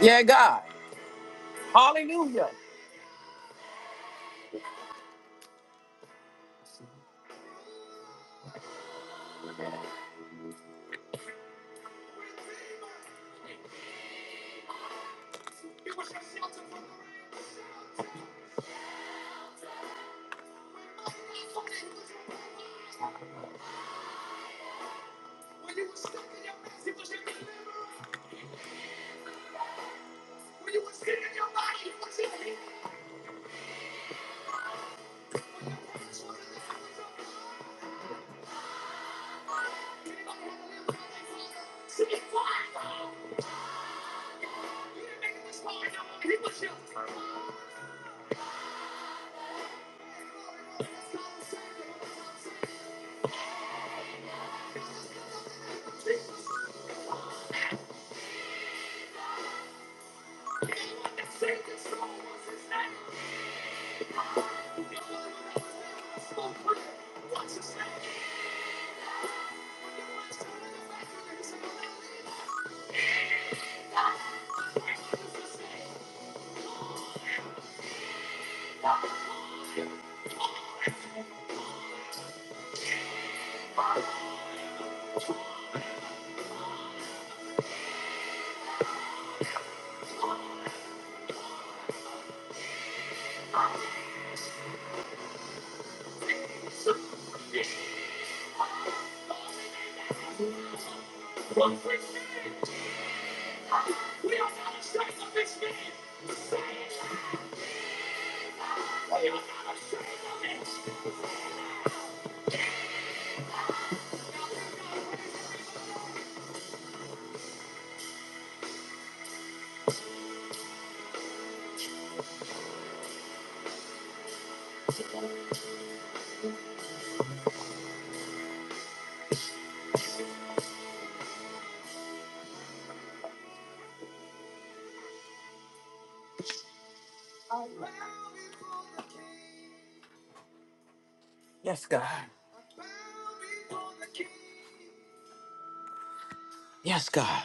Yeah, God. Hallelujah. Yes, God. Yes, God.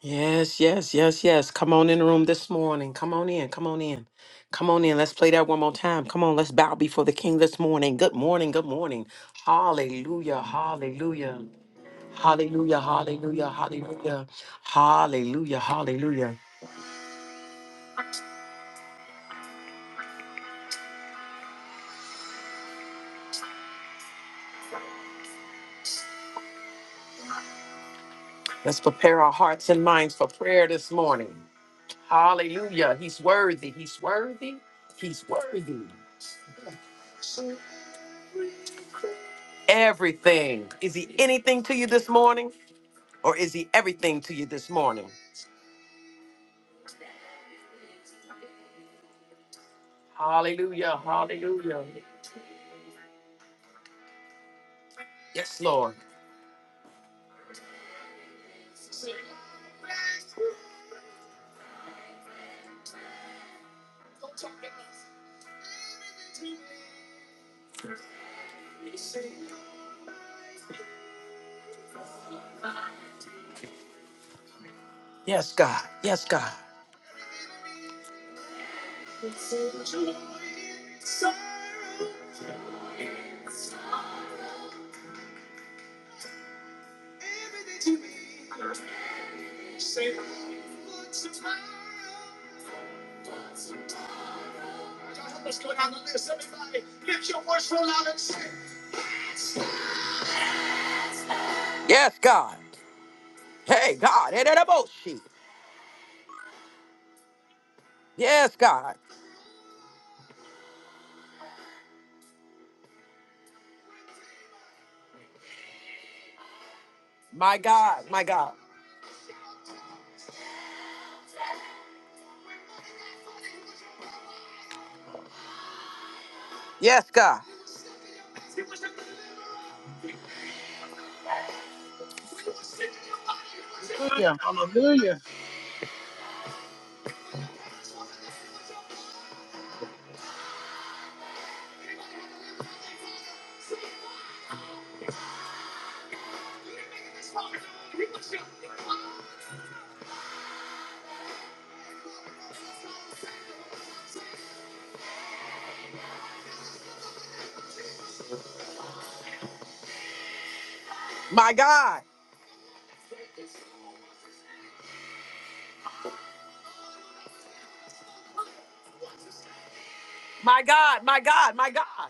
Yes, yes, yes, yes. Come on in the room this morning. Come on in. Come on in. Come on in. Let's play that one more time. Come on. Let's bow before the King this morning. Good morning. Good morning. Hallelujah. Hallelujah. Hallelujah. Hallelujah. Hallelujah. Hallelujah. Hallelujah. Let's prepare our hearts and minds for prayer this morning. Hallelujah. He's worthy. He's worthy. He's worthy. Everything. Is he anything to you this morning? Or is he everything to you this morning? Hallelujah. Hallelujah. Yes, Lord. Yes, God. Yes, God. Yes, God. Hey, God. Hey, that about she. Yes, God. My God. My God. Yes, God. Hallelujah. Hallelujah. My God. My God. My God. My God.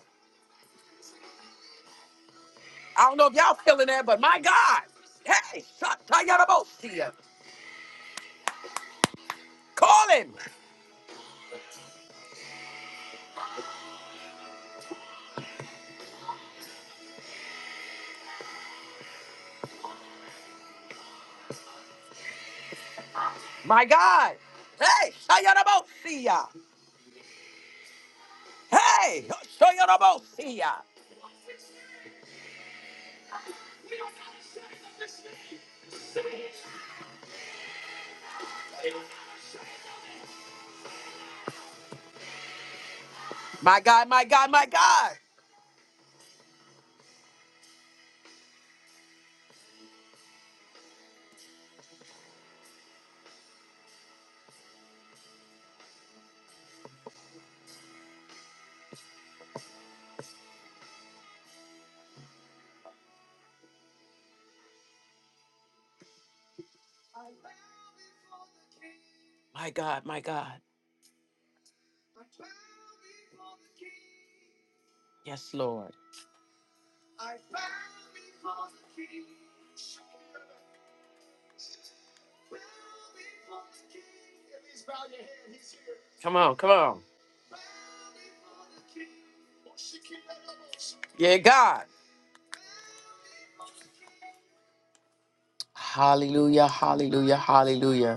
I don't know if y'all feeling that, but my God. Hey, Shatayarabosia. Call him. My God. Hey, Shayarabosia. Hey, Shoyorobosia. My God, my God, my God. My God, my God. Yes, Lord. Come on, come on. Yeah, God. Hallelujah, hallelujah, hallelujah.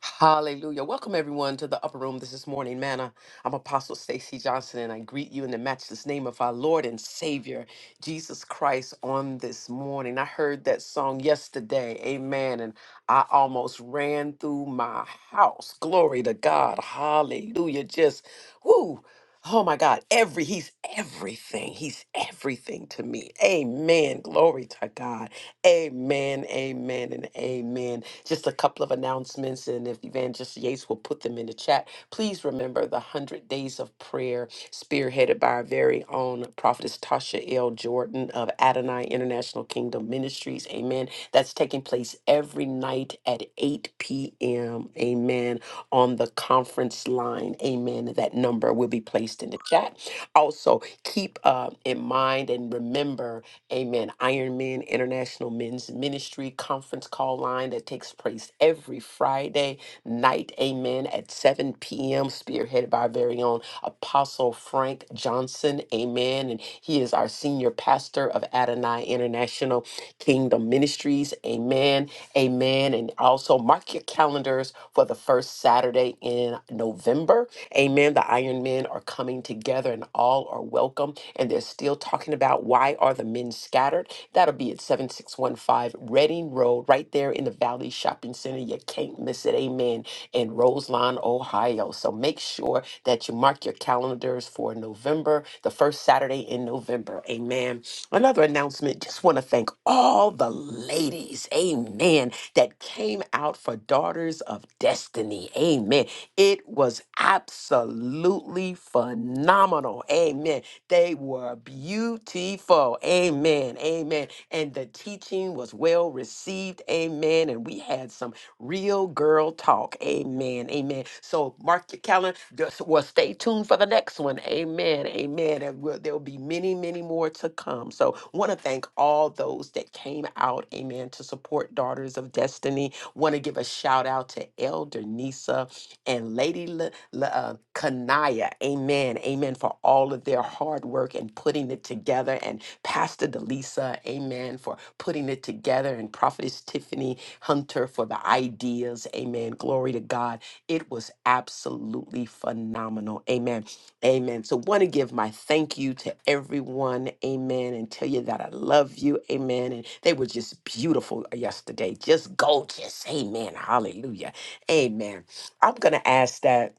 Hallelujah. Welcome everyone to the upper room. This is morning manna. I'm Apostle Stacy Johnson and I greet you in the matchless name of our Lord and Savior Jesus Christ on this morning. I heard that song yesterday. Amen. And I almost ran through my house. Glory to God. Hallelujah. Just whoo. Oh my God. Every he's everything. He's everything to me. Amen. Glory to God. Amen, amen, and amen. Just a couple of announcements, and if Evangelist Yates will put them in the chat, please remember the 100 Days of Prayer, spearheaded by our very own prophetess Tasha L. Jordan of Adonai International Kingdom Ministries. Amen. That's taking place every night at 8 p.m. Amen. On the conference line. Amen. That number will be placed in the chat. Also, keep uh, in mind and remember Amen. Iron Men International Men's Ministry conference call line that takes place every Friday night. Amen. At 7 p.m., spearheaded by our very own Apostle Frank Johnson. Amen. And he is our senior pastor of Adonai International Kingdom Ministries. Amen. Amen. And also mark your calendars for the first Saturday in November. Amen. The Iron Men are coming together and all are welcome. And they're still talking about why are the men scattered. That'll be at 7615 Reading Road, right there in the Valley Shopping Center. You can't miss it. Amen. In Roseline, Ohio. So make sure that you mark your calendars for November, the first Saturday in November. Amen Another announcement just want to thank all the ladies, amen, that came out for Daughters of Destiny, amen. It was absolutely phenomenal, amen. They were beautiful, amen, amen. And the teaching was well received, amen. And we had some Real girl talk. Amen. Amen. So mark your calendar. Just- Well, stay tuned for the next one. Amen. Amen. And we'll- There'll be many, many more to come. So want to thank all those that came out. Amen. To support Daughters of Destiny. Want to give a shout out to Elder Nisa and Lady La La- uh, Kanaya. Amen. Amen. For all of their hard work and putting it together. And Pastor Delisa. Amen. For putting it together. And Prophetess Tiffany. Hunter for the ideas. Amen. Glory to God. It was absolutely phenomenal. Amen. Amen. So, want to give my thank you to everyone. Amen. And tell you that I love you. Amen. And they were just beautiful yesterday, just gorgeous. Amen. Hallelujah. Amen. I'm going to ask that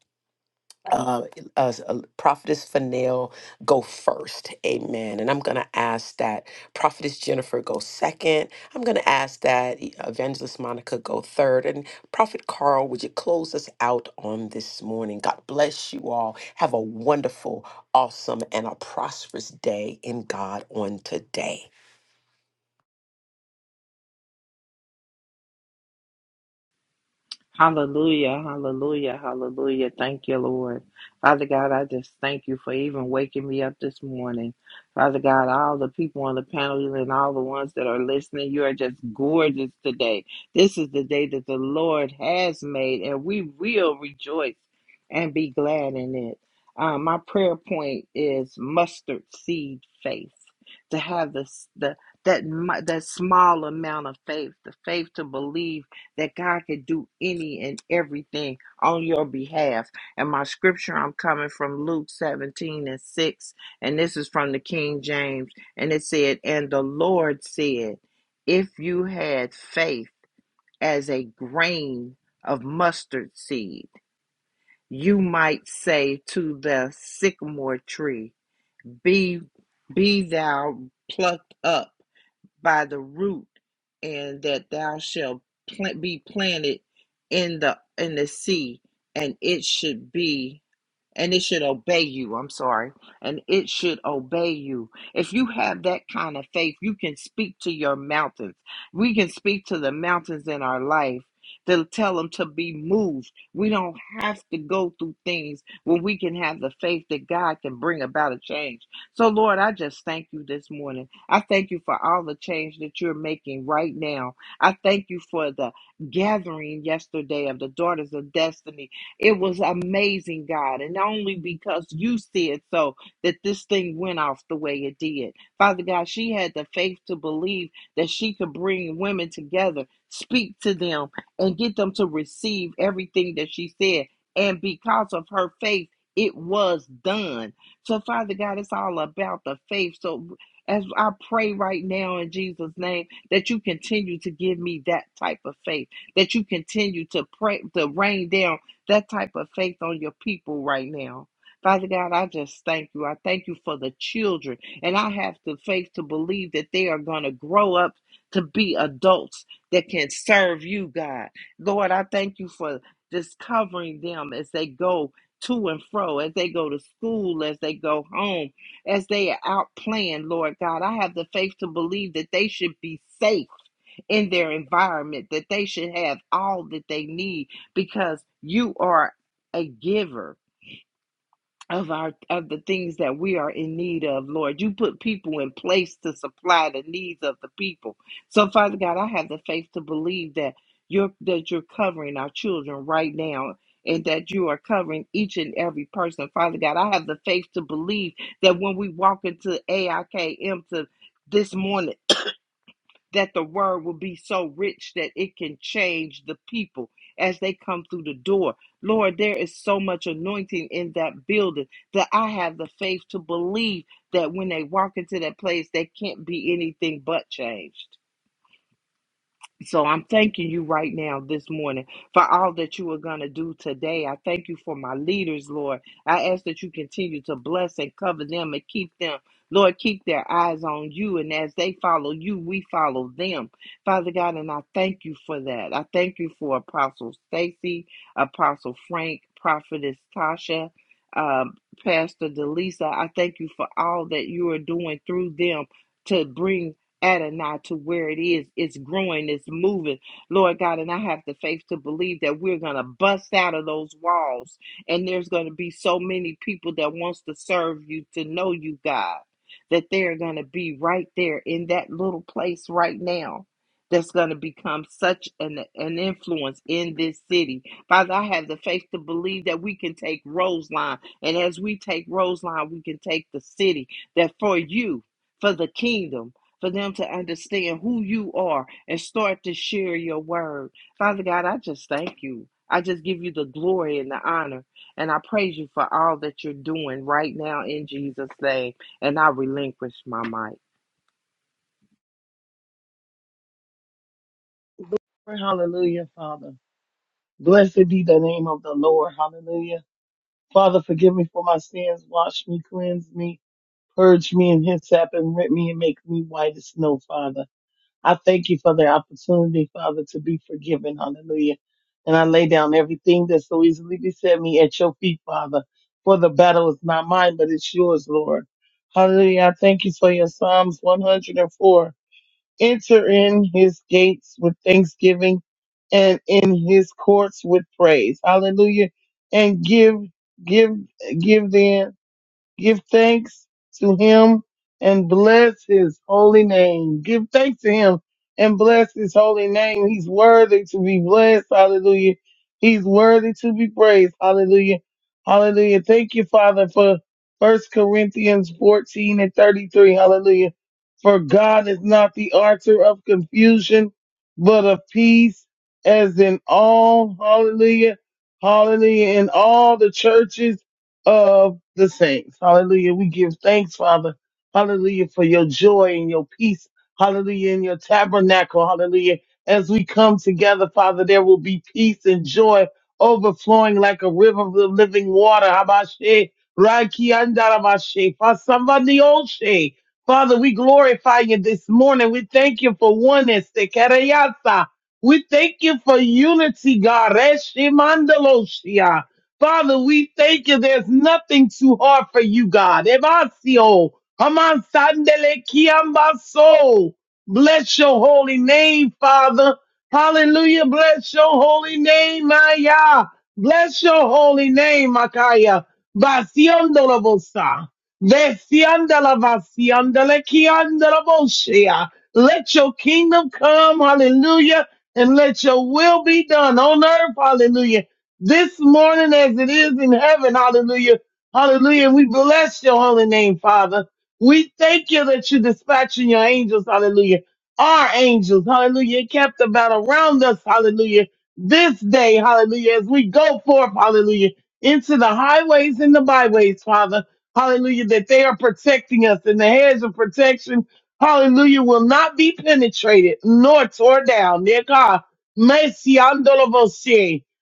uh, uh, uh, Prophetess Fanel go first. Amen. And I'm going to ask that Prophetess Jennifer go second. I'm going to ask that E- Evangelist Monica go third. And Prophet Carl, would you close us out on this morning? God bless you all. Have a wonderful, awesome, and a prosperous day in God on today. Hallelujah, hallelujah, hallelujah. Thank you, Lord. Father God, I just thank you for even waking me up this morning. Father God, all the people on the panel and all the ones that are listening, you are just gorgeous today. This is the day that the Lord has made, and we will rejoice and be glad in it. Uh, my prayer point is mustard seed faith to have this, the, that, mu- that small amount of faith, the faith to believe that God can do any and everything on your behalf. And my scripture, I'm coming from Luke 17 and 6, and this is from the King James. And it said, And the Lord said, If you had faith as a grain of mustard seed, you might say to the sycamore tree, Be, be thou plucked up by the root and that thou shalt plant, be planted in the in the sea and it should be and it should obey you i'm sorry and it should obey you if you have that kind of faith you can speak to your mountains we can speak to the mountains in our life to tell them to be moved we don't have to go through things when we can have the faith that god can bring about a change so lord i just thank you this morning I thank you for all the change that you're making right now. I thank you for the gathering yesterday of the Daughters of Destiny. It was amazing, God, and not only because you said so that this thing went off the way it did. Father God, she had the faith to believe that she could bring women together, speak to them, and get them to receive everything that she said. And because of her faith, it was done. So, Father God, it's all about the faith. So, as I pray right now in Jesus' name, that you continue to give me that type of faith, that you continue to pray, to rain down that type of faith on your people right now. Father God, I just thank you. I thank you for the children. And I have the faith to believe that they are going to grow up to be adults that can serve you, God. Lord, I thank you for just covering them as they go to and fro, as they go to school, as they go home as they are outplanned, Lord God. I have the faith to believe that they should be safe in their environment, that they should have all that they need because you are a giver of our of the things that we are in need of, Lord. You put people in place to supply the needs of the people. So, Father God, I have the faith to believe that you're that you're covering our children right now. And that you are covering each and every person. Father God, I have the faith to believe that when we walk into AIKM to this morning, that the word will be so rich that it can change the people as they come through the door. Lord, there is so much anointing in that building that I have the faith to believe that when they walk into that place, they can't be anything but changed. So I'm thanking you right now this morning for all that you are going to do today. I thank you for my leaders, Lord. I ask that you continue to bless and cover them and keep them. Lord, keep their eyes on you. And as they follow you, we follow them. Father God, and I thank you for that. I thank you for Apostle Stacy, Apostle Frank, Prophetess Tasha, um, Pastor Delisa. I thank you for all that you are doing through them. To bring Adonai to where it is. It's growing, it's moving. Lord God, and I have the faith to believe that we're going to bust out of those walls. And there's going to be so many people that wants to serve you, to know you, God, that they're going to be right there in that little place right now. That's going to become such an, an influence in this city. Father, I have the faith to believe that we can take Roseline. And as we take Roseline, we can take the city. That for you, for the kingdom, for them to understand who you are and start to share your word. Father God, I just thank you. I just give you the glory and the honor. And I praise you for all that you're doing right now in Jesus' name. And I relinquish my mic. Glory, hallelujah, Father. Blessed be the name of the Lord. Hallelujah. Father, forgive me for my sins. Wash me, cleanse me, purge me and hyssop and rip me and make me white as snow, Father. I thank you for the opportunity, Father, to be forgiven. Hallelujah. And I lay down everything that so easily beset me at your feet, Father. For the battle is not mine, but it's yours, Lord. Hallelujah. I thank you for your Psalms 104. Enter in his gates with thanksgiving and in his courts with praise. Hallelujah. And give, give, give them. Give thanks to him and bless his holy name. Give thanks to him and bless his holy name. He's worthy to be blessed. Hallelujah. He's worthy to be praised. Hallelujah. Hallelujah. Thank you, Father, for First Corinthians 14 and 33. Hallelujah. For God is not the author of confusion, but of peace, as in all, hallelujah, hallelujah, in all the churches the saints. Hallelujah. We give thanks, Father. Hallelujah, for your joy and your peace. Hallelujah, in your tabernacle. Hallelujah. As we come together, Father, there will be peace and joy overflowing like a river of living water. Habashe, Raiki, Andarabashe, Fasambandi Oshe. Father, we glorify you this morning. We thank you for oneness. Tekereyasa. We thank you for unity, God. Reshimandaloshia. Father, we thank you. There's nothing too hard for you, God. Evasio, Haman Sandele Kiambaso. Bless your holy name, Father. Hallelujah. Bless your holy name, Maya. Bless your holy name, Makaya. Vaciandolabosa. Vesiandalavaciandalekiandalabosia. Let your kingdom come, hallelujah, and let your will be done on earth, hallelujah this morning as it is in heaven. Hallelujah. Hallelujah. We bless your holy name, Father. We thank you that you're dispatching your angels. Hallelujah. Our angels. Hallelujah. Kept about around us. Hallelujah. This day. Hallelujah. As we go forth. Hallelujah. Into the highways and the byways, Father. Hallelujah. That they are protecting us and the hedge of protection. Hallelujah. Will not be penetrated nor torn down. Dear God. Mercy.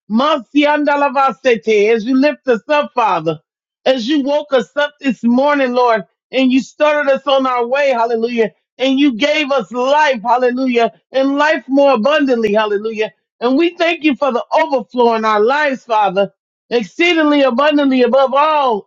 Masiandalavasete, As you lift us up, Father, as you woke us up this morning, Lord, and you started us on our way, hallelujah, and you gave us life, hallelujah, and life more abundantly, hallelujah. And we thank you for the overflow in our lives, Father, exceedingly abundantly above all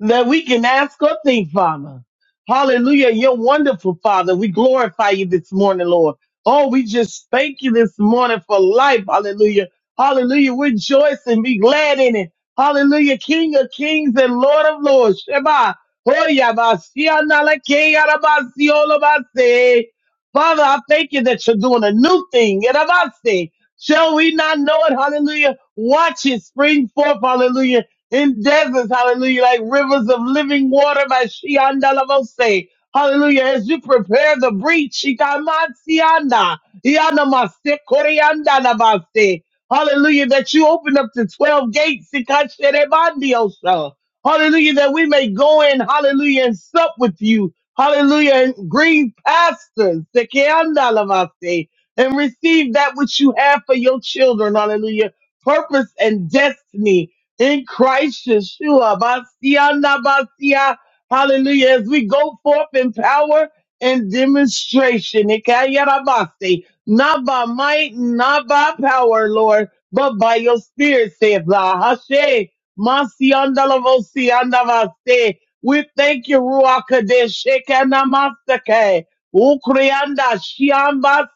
that we can ask or think, Father. Hallelujah. You're wonderful, Father. We glorify you this morning, Lord. Oh, we just thank you this morning for life. Hallelujah. Hallelujah. Rejoice and be glad in it. Hallelujah. King of kings and Lord of lords. Shema. Hoya basia na la ke ara basio lo base. Father, I thank you that you're doing a new thing. Era base. Shall we not know it? Hallelujah. Watch it spring forth. Hallelujah in deserts, hallelujah, like rivers of living water by Shiandalavose. Hallelujah. As you prepare the breach, Shikamatsianda, Yanamase, Koreandanavase. Hallelujah, that you open up the 12 gates, Shikasherebandiosa. Hallelujah, that we may go in, hallelujah, and sup with you. Hallelujah, and green pastures, Sekeandalavase, and receive that which you have for your children. Hallelujah. Purpose and destiny in Christ Yeshua. Basia na basia. Hallelujah. As we go forth in power and demonstration. Ikayarabasi. Not by might, not by power, Lord, but by your spirit, saith the Hashem. Masiandalavosiandavase. We thank you, Ruach Kadesh. Shekinamastake. Ukrianda Shiamba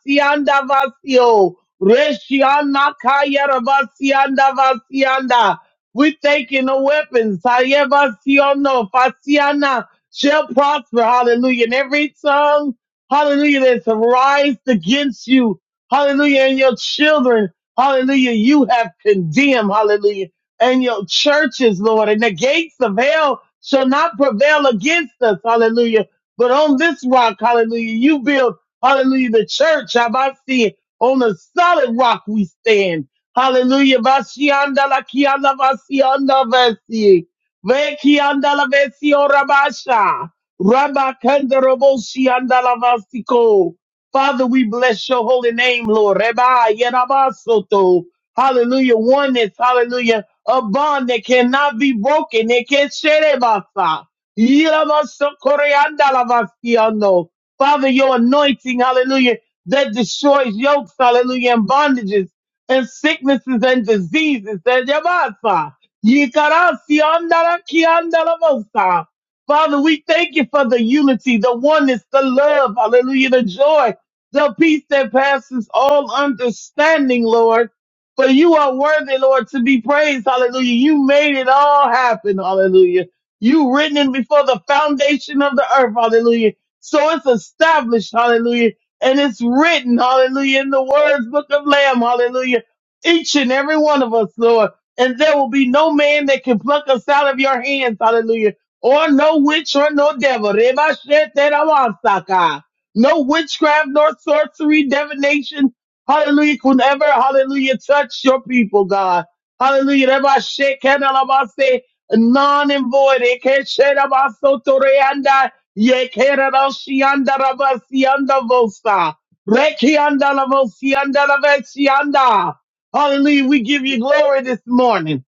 Vasio. Reshiana Kayarabasianda Vasianda. We taking the weapons. Hayebasiono, Fasiana shall prosper. Hallelujah. And every tongue, hallelujah, that's raised against you. Hallelujah. And your children. Hallelujah. You have condemned. Hallelujah. And your churches, Lord. And the gates of hell shall not prevail against us. Hallelujah. But on this rock, hallelujah, you build, hallelujah, the church. Have I seen on the solid rock we stand Hallelujah. Vashianda la kianda vasianda vesi. Ve kianda la vesi orabasha. Rabba kanda roboshi anda la vasiko. Father, we bless your holy name, Lord. Reba yerabasoto. Hallelujah. Oneness. Hallelujah. A bond that cannot be broken. It can not sherebasa. Yerabaso koreanda la vasiando. Father, your anointing. Hallelujah. That destroys yokes. Hallelujah. And bondages and sicknesses and diseases. And yamasa, yikarasi andara kiandala mosa. Father, we thank you for the unity, the oneness, the love, hallelujah, the joy, the peace that passes all understanding, Lord. For you are worthy, Lord, to be praised, hallelujah. You made it all happen, hallelujah. You written it before the foundation of the earth, hallelujah. So it's established, hallelujah and it's written, hallelujah, in the words, book of Lamb, hallelujah, each and every one of us, Lord. And there will be no man that can pluck us out of your hands, hallelujah, or no witch or no devil. Reba shet that I want, Saka. No witchcraft, nor sorcery, divination, hallelujah, could ever, hallelujah, touch your people, God. Hallelujah. Reba shet, can I, Lord, I say, None and void. It can't shed about so to the end. Yekerabashiandarabasiandavosa. Rekiandalavosiandalavesianda. Hallelujah. We give you glory this morning.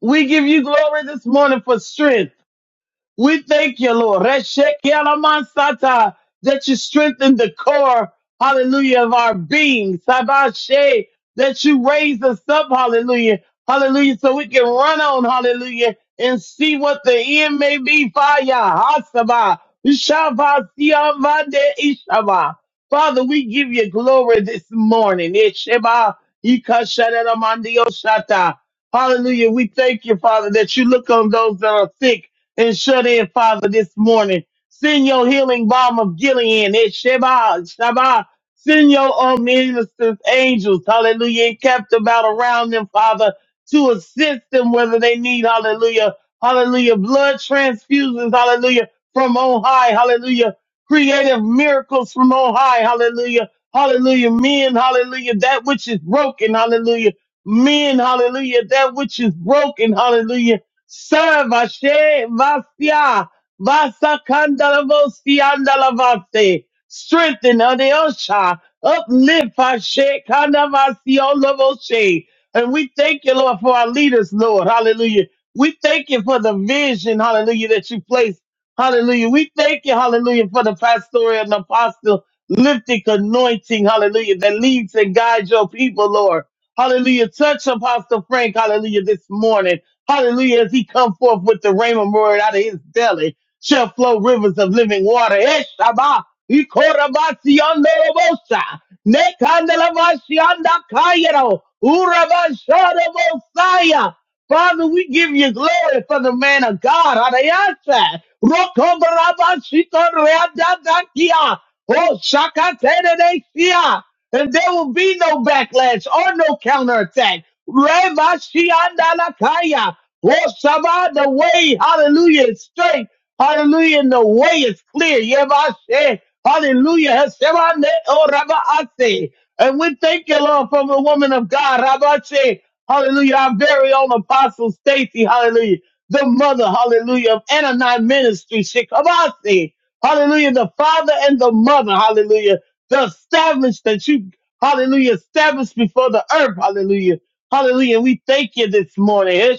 We give you glory this morning for strength. We thank you, Lord. Reshekielamansata, That you strengthen the core, hallelujah, of our being. Sabashe, that you raise us up, hallelujah, hallelujah, so we can run on, hallelujah, and see what the end may be. Fire, hasaba, shabasiyamande ishaba. Father, we give you glory this morning. Isheba, ikashanaramandiyoshata. Hallelujah. We thank you, Father, that you look on those that are sick and shut in, Father, this morning. Send your healing balm of Gilead. It Sheba, Sheba. Send your own ministers, angels, hallelujah, and kept about around them, Father, to assist them whether they need, hallelujah, hallelujah, blood transfusions, hallelujah, from on high, hallelujah, creative miracles from on high, hallelujah, hallelujah, men, hallelujah, that which is broken, hallelujah, men, hallelujah, that which is broken, hallelujah, Sarvashe Vasya Vasakandalavosiandalavase. Strengthen Adeosha. Uplift Hashe Kandavasiolavoshe. And we thank you, Lord, for our leaders, Lord. Hallelujah. We thank you for the vision, hallelujah, that you placed. Hallelujah. We thank you, hallelujah, for the pastoral and apostle lifting anointing, hallelujah, that leads and guides your people, Lord. Hallelujah. Touch Apostle Frank, hallelujah, this morning. Hallelujah. As he come forth with the rhema word out of his belly, shall flow rivers of living water. Eshaba, ikorabasiandorobosa, nekandelabasiandakayero, urabasharabosaya. Father, we give you glory for the man of God. Arayasa, rokobarabashikoreadadakia, Oh, shakatenedesia. And there will be no backlash or no counterattack. Reba Lord Shabbat, the way, hallelujah, is straight. Hallelujah, and the way is clear. Yevashe, hallelujah. Hashemane, oh, Rabbaase. And we thank you, Lord, from the woman of God, Rabbaase. Hallelujah, our very own Apostle Stacy, hallelujah. The mother, hallelujah, of Anani Ministry, Shikabase. Hallelujah, the father and the mother, hallelujah. The established that you, hallelujah, established before the earth, hallelujah. Hallelujah. We thank you this morning.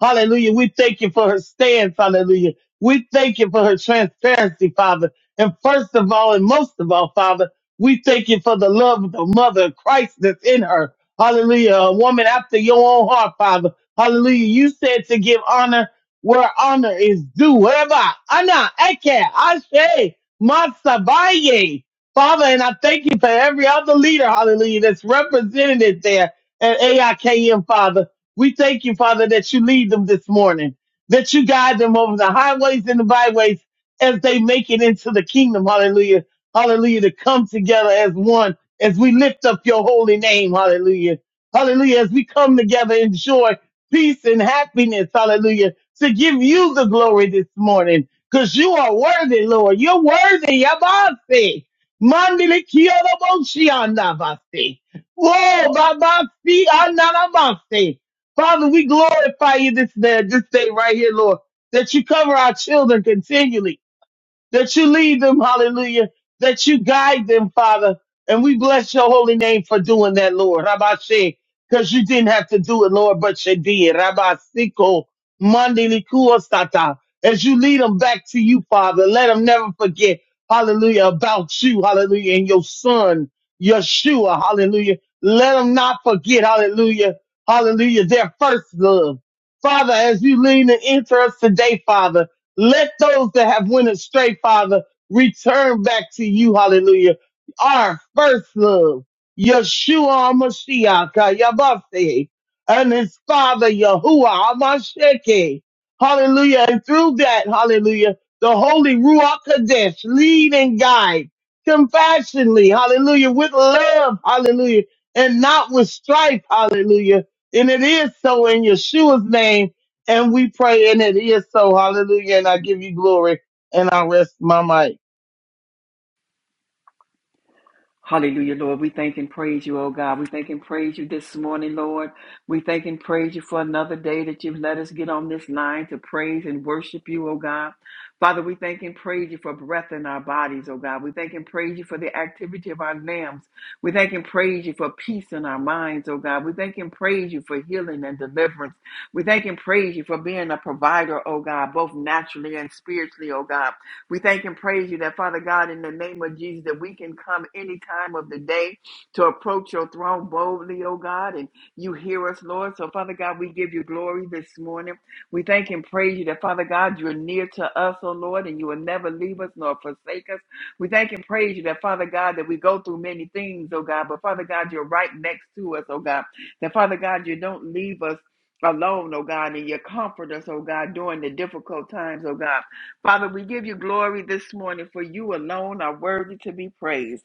Hallelujah. We thank you for her stance. Hallelujah. We thank you for her transparency, Father. And first of all, and most of all, Father, we thank you for the love of the mother of Christ that's in her. Hallelujah. A woman after your own heart, Father. Hallelujah. You said to give honor where honor is due. Whatever. Anna, Eke, Ashe, Masabaye. Father, and I thank you for every other leader, hallelujah, that's represented there at AIKM, Father. We thank you, Father, that you lead them this morning, that you guide them over the highways and the byways as they make it into the kingdom. Hallelujah. Hallelujah. To come together as one, as we lift up your holy name. Hallelujah. Hallelujah. As we come together in joy, peace, and happiness. Hallelujah. To give you the glory this morning, because you are worthy, Lord. You're worthy. Yabasi. Mandili kiyodo boshianda basi. Whoa, babasi ananabasi. Father, we glorify you this day, this day right here, Lord, that you cover our children continually that you lead them, hallelujah, that you guide them, Father. And we bless your holy name for doing that, Lord. Rabbi say, because you didn't have to do it, Lord, but you did. Rabbi Siko, Monday Sata. As you lead them back to you, Father, let them never forget, hallelujah, about you, hallelujah, and your son, Yeshua, hallelujah. Let them not forget, hallelujah, hallelujah, their first love. Father, as you lead and enter us today, Father, let those that have went astray, Father, return back to you. Hallelujah. Our first love, Yeshua Mashiach, Yabase, and his father, Yahuwah Amasheke. Hallelujah. And through that, hallelujah, the Holy Ruach Kadesh, lead and guide compassionately, hallelujah, with love, hallelujah, and not with strife, hallelujah. And it is so in Yeshua's name. And we pray, and it is so. Hallelujah. And I give you glory, and I rest my mic. Hallelujah, Lord. We thank and praise you, oh God. We thank and praise you this morning, Lord. We thank and praise you for another day that you've let us get on this line to praise and worship you, oh God. Father, we thank and praise you for breath in our bodies, oh God. We thank and praise you for the activity of our limbs. We thank and praise you for peace in our minds, oh God. We thank and praise you for healing and deliverance. We thank and praise you for being a provider, oh God, both naturally and spiritually, oh God. We thank and praise you that, Father God, in the name of Jesus, that we can come any time of the day to approach your throne boldly, oh God, and you hear us, Lord. So, Father God, we give you glory this morning. We thank and praise you that, Father God, you're near to us, oh Lord, and you will never leave us nor forsake us. We thank and praise you that, Father God, that we go through many things, oh God, but Father God, you're right next to us, oh God. That, Father God, you don't leave us alone, oh God, and you comfort us, oh God, during the difficult times, oh God. Father, we give you glory this morning, for you alone are worthy to be praised.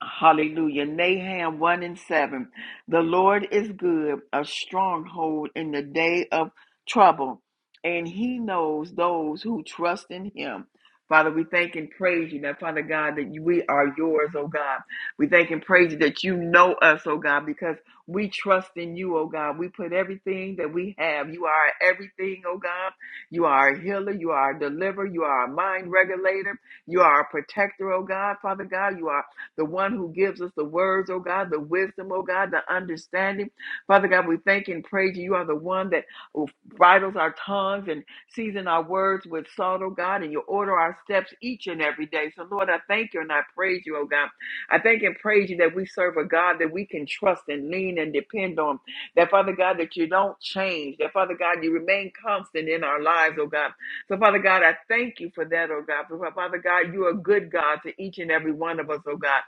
Hallelujah. Nahum 1 and 7. The Lord is good, a stronghold in the day of trouble, and he knows those who trust in him. Father, we thank and praise you now, Father God, that we are yours, oh God. We thank and praise you that you know us, oh God, because we trust in you, oh God. We put everything that we have. You are everything, oh God. You are a healer. You are a deliverer. You are a mind regulator. You are a protector, oh God, Father God. You are the one who gives us the words, oh God, the wisdom, oh God, the understanding. Father God, we thank and praise you. You are the one that bridles our tongues and season our words with salt, oh God, and you order our steps each and every day. So, Lord, I thank you and I praise you, oh God. I thank and praise you that we serve a God that we can trust and lean and depend on. That, Father God, that you don't change. That, Father God, you remain constant in our lives, oh God. So, Father God, I thank you for that, oh God. For, Father God, you are a good God to each and every one of us, oh God.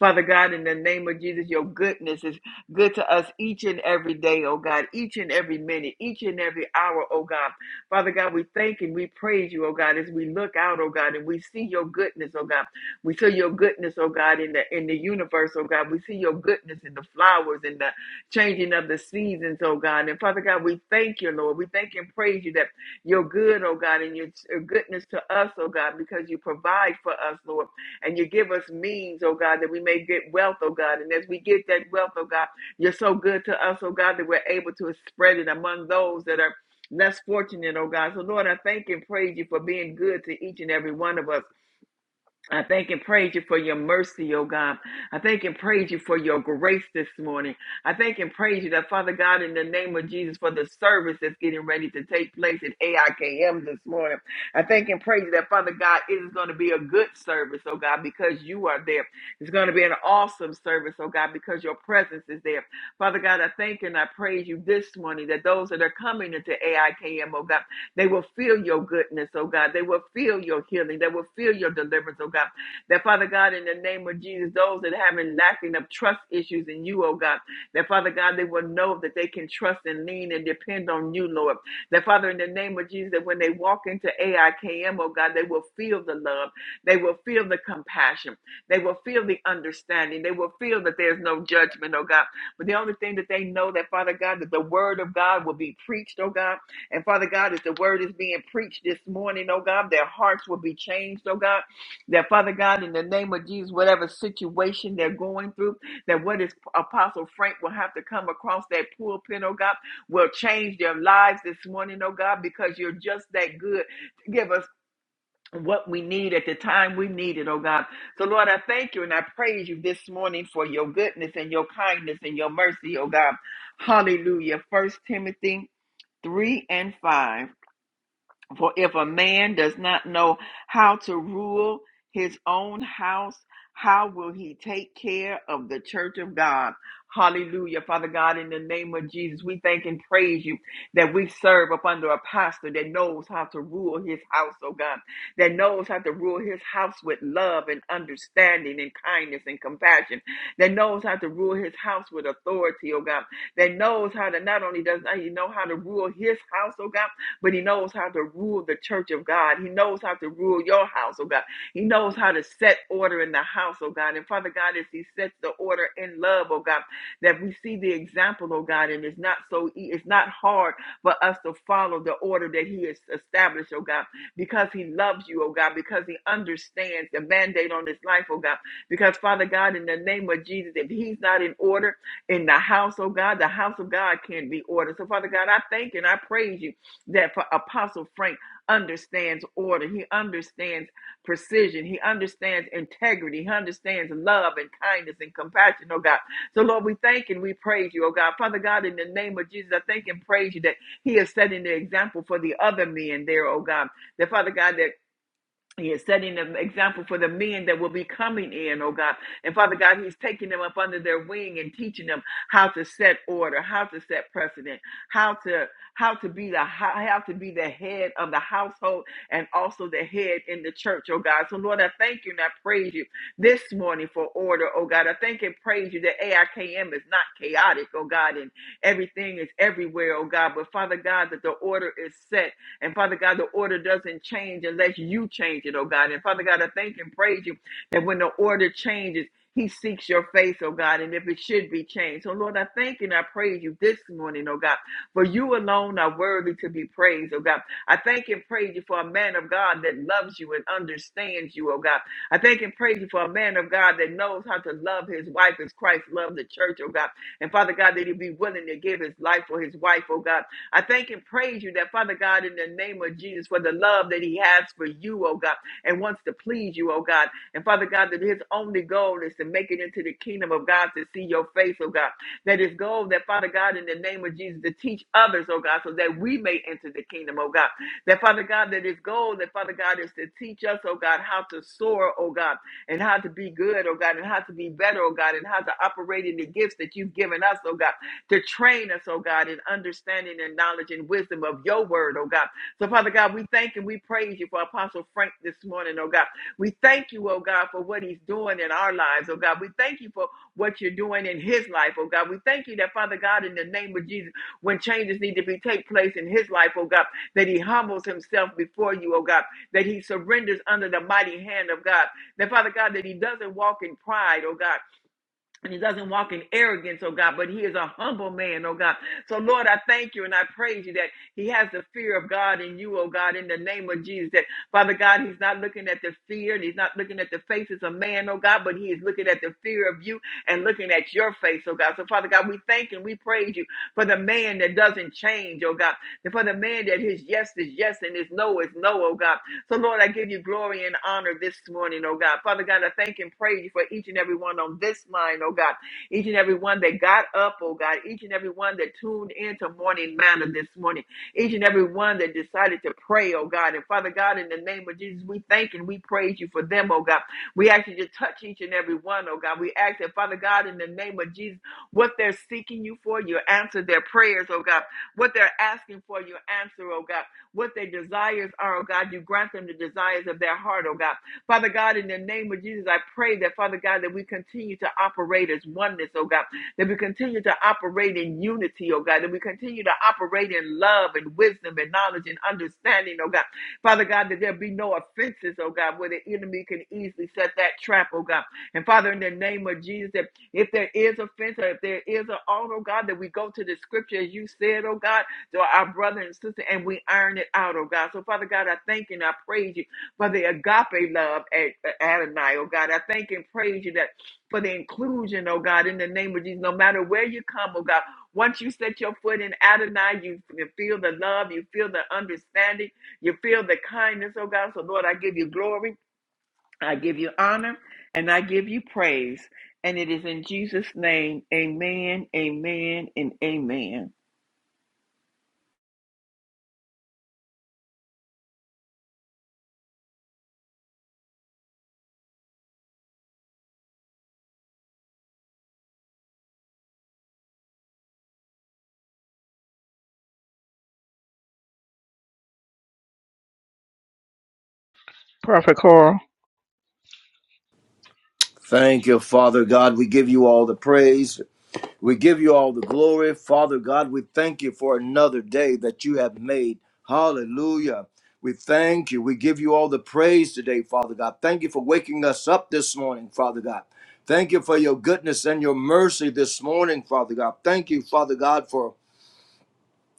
Father God, in the name of Jesus, your goodness is good to us each and every day, oh God, each and every minute, each and every hour, oh God. Father God, we thank and we praise you, oh God, as we look out, oh God, and we see your goodness, oh God. We see your goodness, oh God, in the in the universe, oh God. We see your goodness in the flowers and the changing of the seasons, oh God. And Father God, we thank you, Lord. We thank and praise you that you're good, oh God, and your your goodness to us, oh God, because you provide for us, Lord and you give us means, oh God, that we may get wealth, oh God. And as we get that wealth, oh God, you're so good to us, oh God, that we're able to spread it among those that are less fortunate, oh God. So Lord, I thank and praise you for being good to each and every one of us. I thank and praise you for your mercy, oh God. I thank and praise you for your grace this morning. I thank and praise you that, Father God, in the name of Jesus, for the service that's getting ready to take place at AIKM this morning. I thank and praise you that, Father God, it is going to be a good service, oh God, because you are there. It's going to be an awesome service, oh God, because your presence is there. Father God, I thank and I praise you this morning that those that are coming into AIKM, oh God, they will feel your goodness, oh God. They will feel your healing. They will feel your deliverance, oh God. That Father God, in the name of Jesus, those that have been lacking of trust issues in you, oh God, that Father God, they will know that they can trust and lean and depend on you, Lord. That Father, in the name of Jesus, that when they walk into AIKM, oh God, they will feel the love. They will feel the compassion. They will feel the understanding. They will feel that there's no judgment, oh God. But the only thing that they know that, Father God, that the word of God will be preached, oh God and Father God, as the word is being preached this morning, oh God, their hearts will be changed, oh God. That Father God, in the name of Jesus, whatever situation they're going through, that what is Apostle Frank will have to come across that pulpit, oh God, will change their lives this morning, oh God, because you're just that good to give us what we need at the time we need it, oh God. So Lord, I thank you and I praise you this morning for your goodness and your kindness and your mercy, oh God. Hallelujah. First Timothy 3 and 5. For if a man does not know how to rule his own house, how will he take care of the church of God? Hallelujah. Father God, in the name of Jesus, we thank and praise you that we serve up under a pastor that knows how to rule his house, oh God, that knows how to rule his house with love and understanding and kindness and compassion, that knows how to rule his house with authority, oh God, that knows how to not only does he know how to rule his house, oh God, but he knows how to rule the church of God. He knows how to rule your house, oh God. He knows how to set order in the house, oh God. And Father God, as he sets the order in love, oh God, that we see the example, oh God, and it's not so e- it's not hard for us to follow the order that he has established, oh God, because he loves you, oh God, because he understands the mandate on his life, oh God. Because Father God, in the name of Jesus, if he's not in order in the house, oh God, the house of God can't be ordered. So Father God, I thank and I praise you that for Apostle Frank understands order. He understands precision. He understands integrity. He understands love and kindness and compassion, oh God. So, Lord, we thank and we praise you, oh God. Father God, in the name of Jesus, I thank and praise you that He is setting the example for the other men there, oh God. That, Father God, that he is setting an example for the men that will be coming in, oh God. And Father God, He's taking them up under their wing and teaching them how to set order, how to set precedent, how to how to be the how how to be the head of the household and also the head in the church, oh God. So Lord, I thank you and I praise you this morning for order, oh God. I thank and praise you that AIKM is not chaotic, oh God, and everything is everywhere, oh God. But Father God, that the order is set and Father God, the order doesn't change unless you change it, oh God. And Father God, I thank and praise you that when the order changes, he seeks your face, oh God, and if it should be changed. So, Lord, I thank and I praise you this morning, oh God, for you alone are worthy to be praised, oh God. I thank and praise you for a man of God that loves you and understands you, oh God. I thank and praise you for a man of God that knows how to love his wife as Christ loved the church, oh God. And Father God, that he'd be willing to give his life for his wife, oh God. I thank and praise you that, Father God, in the name of Jesus, for the love that He has for you, oh God, and wants to please you, oh God. And Father God, that His only goal is to make it into the kingdom of God to see your face, oh God. That His goal, that Father God, in the name of Jesus, to teach others, oh God, so that we may enter the kingdom, oh God. That Father God, that His goal, that Father God, is to teach us, oh God, how to soar, oh God, and how to be good, oh God, and how to be better, oh God, and how to operate in the gifts that you've given us, oh God to train us, oh God, in understanding and knowledge and wisdom of your word, oh God. So, Father God, we thank and we praise you for Apostle Frank this morning, oh God. We thank you, oh God, for what he's doing in our lives, oh God. We thank you for what you're doing in his life, oh God. We thank you that, Father God, in the name of Jesus, when changes need to be take place in his life, oh God, that he humbles himself before you, oh God, that he surrenders under the mighty hand of God, that, Father God, that he doesn't walk in pride, oh God and he doesn't walk in arrogance, oh God, but he is a humble man, oh God. So, Lord, I thank you and I praise you that he has the fear of God in you, oh God, in the name of Jesus. That, Father God, he's not looking at the fear and he's not looking at the faces of man, oh God, but he is looking at the fear of you and looking at your face, oh God. So, Father God, we thank and we praise you for the man that doesn't change, oh God, and for the man that his yes is yes and his no is no, oh God. So, Lord, I give you glory and honor this morning, oh God. Father God, I thank and praise you for each and every one on this line, oh God. Each and every one that got up, oh God. Each and every one that tuned into morning manna this morning. Each and every one that decided to pray, oh God. And Father God, in the name of Jesus, we thank and we praise you for them, oh God. We ask you to touch each and every one, oh God. We ask that, Father God, in the name of Jesus, what they're seeking you for, you answer their prayers, oh God. What they're asking for, you answer, oh God what their desires are, oh God. You grant them the desires of their heart, oh God. Father God, in the name of Jesus, I pray that, Father God, that we continue to operate as oneness, oh God. That we continue to operate in unity, oh God. That we continue to operate in love and wisdom and knowledge and understanding, oh God. Father God, that there be no offenses, oh God, where the enemy can easily set that trap, oh God. And Father, in the name of Jesus, that if there is offense or if there is an altar, oh God, that we go to the scripture as you said, oh God to our brother and sister, and we iron it out, oh God. So, Father God, I thank you and I praise you for the agape love at at Adonai, oh God. I thank and praise you that for the inclusion, oh God, in the name of Jesus. No matter where you come, oh God, once you set your foot in Adonai, you, you feel the love, you feel the understanding, you feel the kindness, oh God. So, Lord, I give you glory, I give you honor, and I give you praise. And it is in Jesus' name, amen, amen, and amen. Prophet Carl, Thank you, Father God. We give you all the praise. We give you all the glory. Father God, we thank you for another day that you have made. Hallelujah. We thank you. We give you all the praise today, Father God. Thank you for waking us up this morning, Father God. Thank you for your goodness and your mercy this morning, Father God. Thank you, Father God, for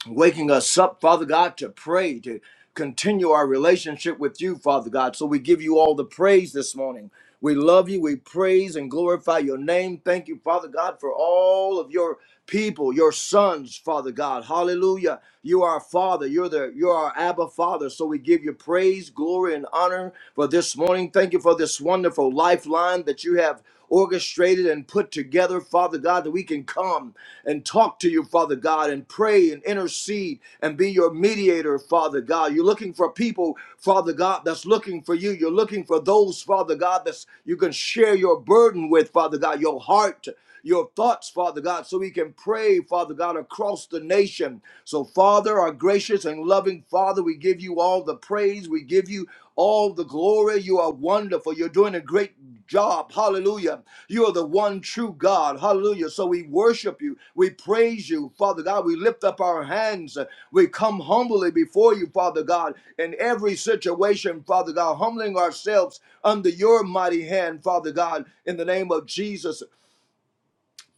waking us up, Father God, to pray, to continue our relationship with you, Father God. So we give you all the praise this morning. We love you. We praise and glorify your name. Thank you, Father God, for all of your people, your sons, Father God. Hallelujah. You are our Father. You're the you're our Abba Father. So we give you praise, glory, and honor for this morning. Thank you for this wonderful lifeline that you have orchestrated and put together, Father God, that we can come and talk to you, Father God, and pray and intercede and be your mediator, Father God. You're looking for people, Father God, that's looking for you. You're looking for those, Father God, that you can share your burden with, Father God, your heart your thoughts, Father God, so we can pray, Father God, across the nation. So, Father, our gracious and loving Father, we give you all the praise. We give you all the glory. You are wonderful. You're doing a great job. Hallelujah. You are the one true God. Hallelujah. So we worship you. We praise you, Father God. We lift up our hands. We come humbly before you, Father God, in every situation, Father God, humbling ourselves under your mighty hand, Father God, in the name of Jesus.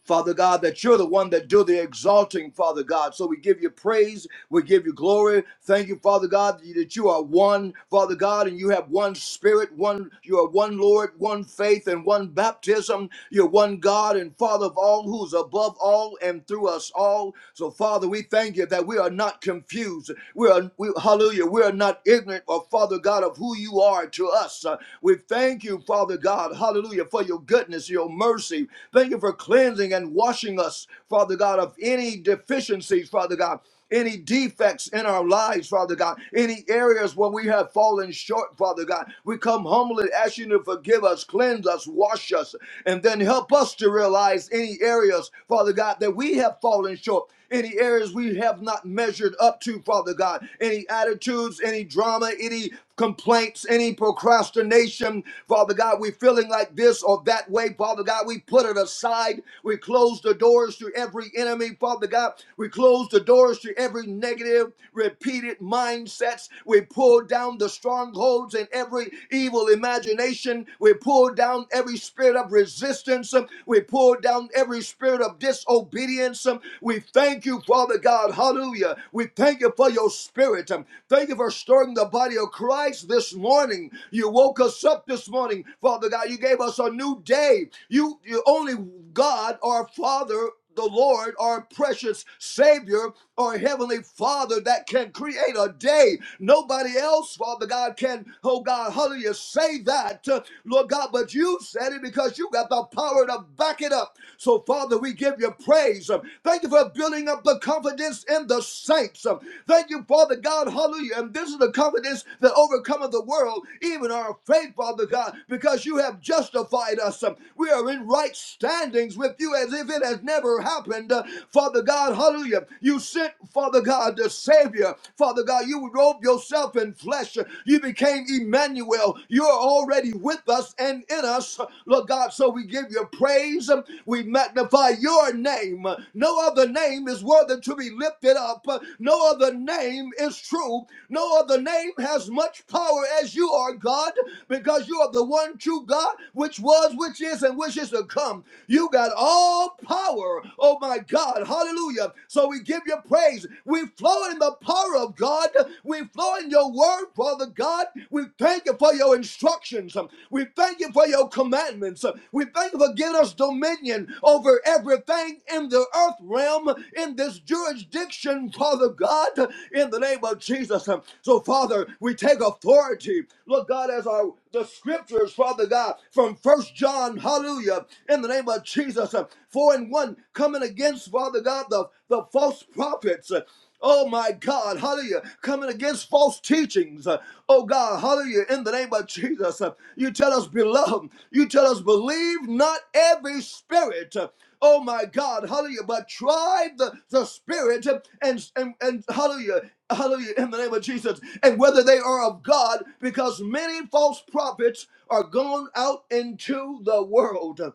Father God, that you're the one that do the exalting, Father God. So we give you praise, we give you glory. Thank you, Father God, that you are one, Father God, and you have one spirit, one you are one Lord, one faith, and one baptism. You're one God and Father of all, who's above all and through us all. So, Father, we thank you that we are not confused. We are we, hallelujah, we are not ignorant or Father God of who you are to us. Uh, we thank you, Father God, hallelujah, for your goodness, your mercy. Thank you for cleansing cleansing and washing us, Father God, of any deficiencies, Father God, any defects in our lives, Father God, any areas where we have fallen short, Father God. We come humbly asking you to forgive us, cleanse us, wash us, and then help us to realize any areas, Father God, that we have fallen short any areas we have not measured up to, Father God, any attitudes, any drama, any complaints, any procrastination, Father God, we feeling like this or that way, Father God, we put it aside. We close the doors to every enemy, Father God. We close the doors to every negative, repeated mindsets. We pull down the strongholds and every evil imagination. We pull down every spirit of resistance. We pull pull down every spirit of disobedience. Um, We thank you, Father God. Hallelujah. We thank you for your spirit. Um, Thank you for stirring the body of Christ this morning. You woke us up this morning, Father God. You gave us a new day. You, you only God, our Father, the Lord, our precious Savior, or heavenly father that can create a day. Nobody else, Father God, can, oh God, hallelujah, say that, uh, Lord God, but you said it because you got the power to back it up. So, Father, we give you praise. Um, Thank you for building up the confidence in the saints. Um, Thank you, Father God, hallelujah. And this is the confidence that overcometh the world, even our faith, Father God, because you have justified us. Um, We are in right standings with you as if it has never happened. Uh, Father God, God, hallelujah. You sent, Father God, the Savior. Father God, you robed yourself in flesh. You became Emmanuel. You're already with us and in us. Lord God, so we give you praise. We magnify your name. No other name is worthy to be lifted up. No other name is true. No other name has much power as you are, God, because you are the one true God, which was, which is, and which is to come. You got all power. Oh my God. Hallelujah. So we give you praise. We flow in the power of God. We flow in your word, Father God. We thank you for your instructions. We thank you for your commandments. We thank you for giving us dominion over everything in the earth realm, in this jurisdiction, Father God, in the name of Jesus. So, Father, we take authority, Lord God, as our the scriptures, Father God, from First John, hallelujah, in the name of Jesus us, uh, four and one, coming against, Father God, the, the false prophets. uh, Oh my God, hallelujah, coming against false teachings. uh, Oh God, hallelujah, in the name of Jesus. uh, You tell us, beloved, you tell us, believe not every spirit. uh, Oh my God, hallelujah, but try the, the spirit uh, and, and, and hallelujah, hallelujah, in the name of Jesus, and whether they are of God, because many false prophets are gone out into the world.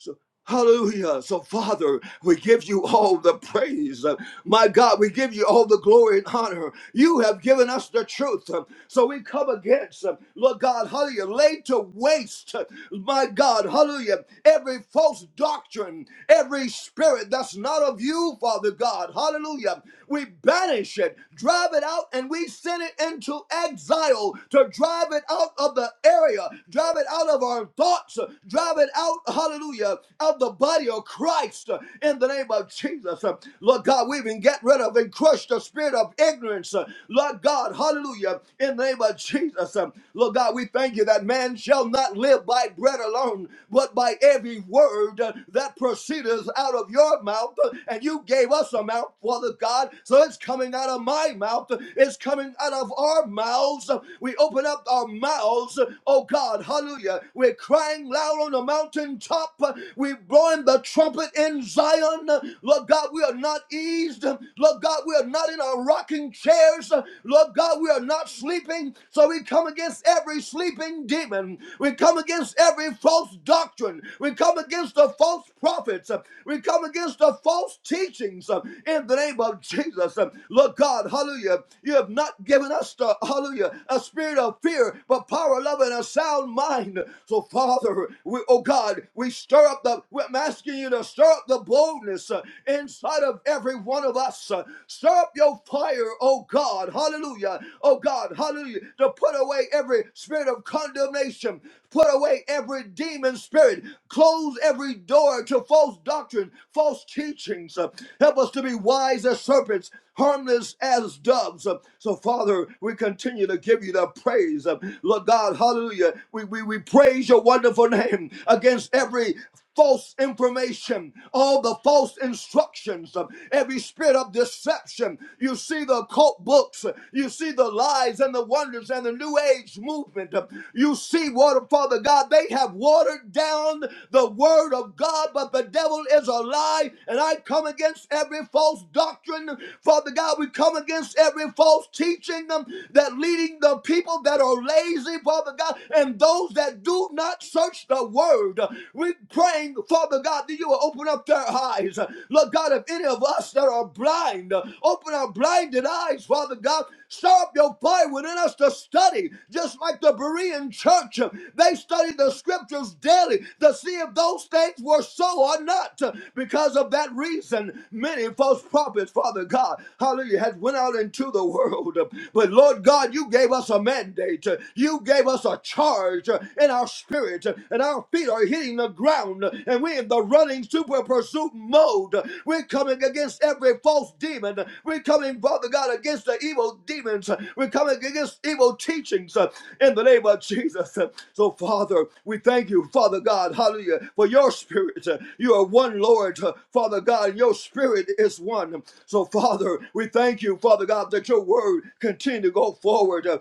So, hallelujah. So, Father, we give you all the praise. My God, we give you all the glory and honor. You have given us the truth. So, we come against, Lord God, hallelujah, laid to waste, my God, hallelujah, every false doctrine, every spirit that's not of you, Father God, hallelujah. We banish it, drive it out, and we send it into exile to drive it out of the area, drive it out of our thoughts, drive it out, hallelujah, of the body of Christ uh, in the name of Jesus. Uh, Lord God, we even get rid of and crush the spirit of ignorance. uh, Lord God, hallelujah, in the name of Jesus. Um, Lord God, we thank you that man shall not live by bread alone, but by every word uh, that proceedeth out of your mouth. Uh, And you gave us a mouth, Father God, so it's coming out of my mouth. Uh, It's coming out of our mouths. Uh, We open up our mouths, uh, oh God, hallelujah. We're crying loud out on the mountaintop. We're blowing the trumpet in Zion. Lord God, we are not eased. Lord God, we are not in our rocking chairs. Lord God, we are not sleeping. So we come against every sleeping demon. We come against every false doctrine. We come against the false prophets. We come against the false teachings uh, in the name of Jesus. Uh, Lord God, hallelujah. You have not given us the hallelujah a spirit of fear, but power, love, and a sound mind. So so Father, we, oh God, we stir up the, I'm asking you to stir up the boldness uh, inside of every one of us. uh, Stir up your fire, oh God, hallelujah, oh God, hallelujah, to put away every spirit of condemnation, put away every demon spirit, close every door to false doctrine, false teachings. uh, Help us to be wise as serpents, harmless as doves. Uh, So, Father, we continue to give you the praise. Uh, Lord God, hallelujah. We we, we, we praise your wonderful name against every false information, all the false instructions, um, every spirit of deception. You see the cult books, you see the lies and the wonders and the new age movement. You see, water, Father God, they have watered down the word of God, but the devil is a lie. And I come against every false doctrine. Father God, we come against every false teaching um, that leading the people that are lazy, Father. Father God, and those that do not search the word. We're praying, Father God, that you will open up their eyes. Lord God, if any of us that are blind, open our blinded eyes, Father God. Stir up your fire within us to study, just like the Berean church. They studied the scriptures daily to see if those things were so or not. Because of that reason, many false prophets, Father God, hallelujah, had went out into the world. But Lord God, you gave us a mandate mandate. You gave us a charge in our spirit, uh, and our feet are hitting the ground, uh, and we're in the running super pursuit mode. We're coming against every false demon. We're coming, Father God, against the evil demons. We're coming against evil teachings uh, in the name of Jesus. So, Father, we thank you, Father God, hallelujah, for your spirit. You are one, Lord, uh, Father God, and your spirit is one. So, Father, we thank you, Father God, that your word continue to go forward. uh,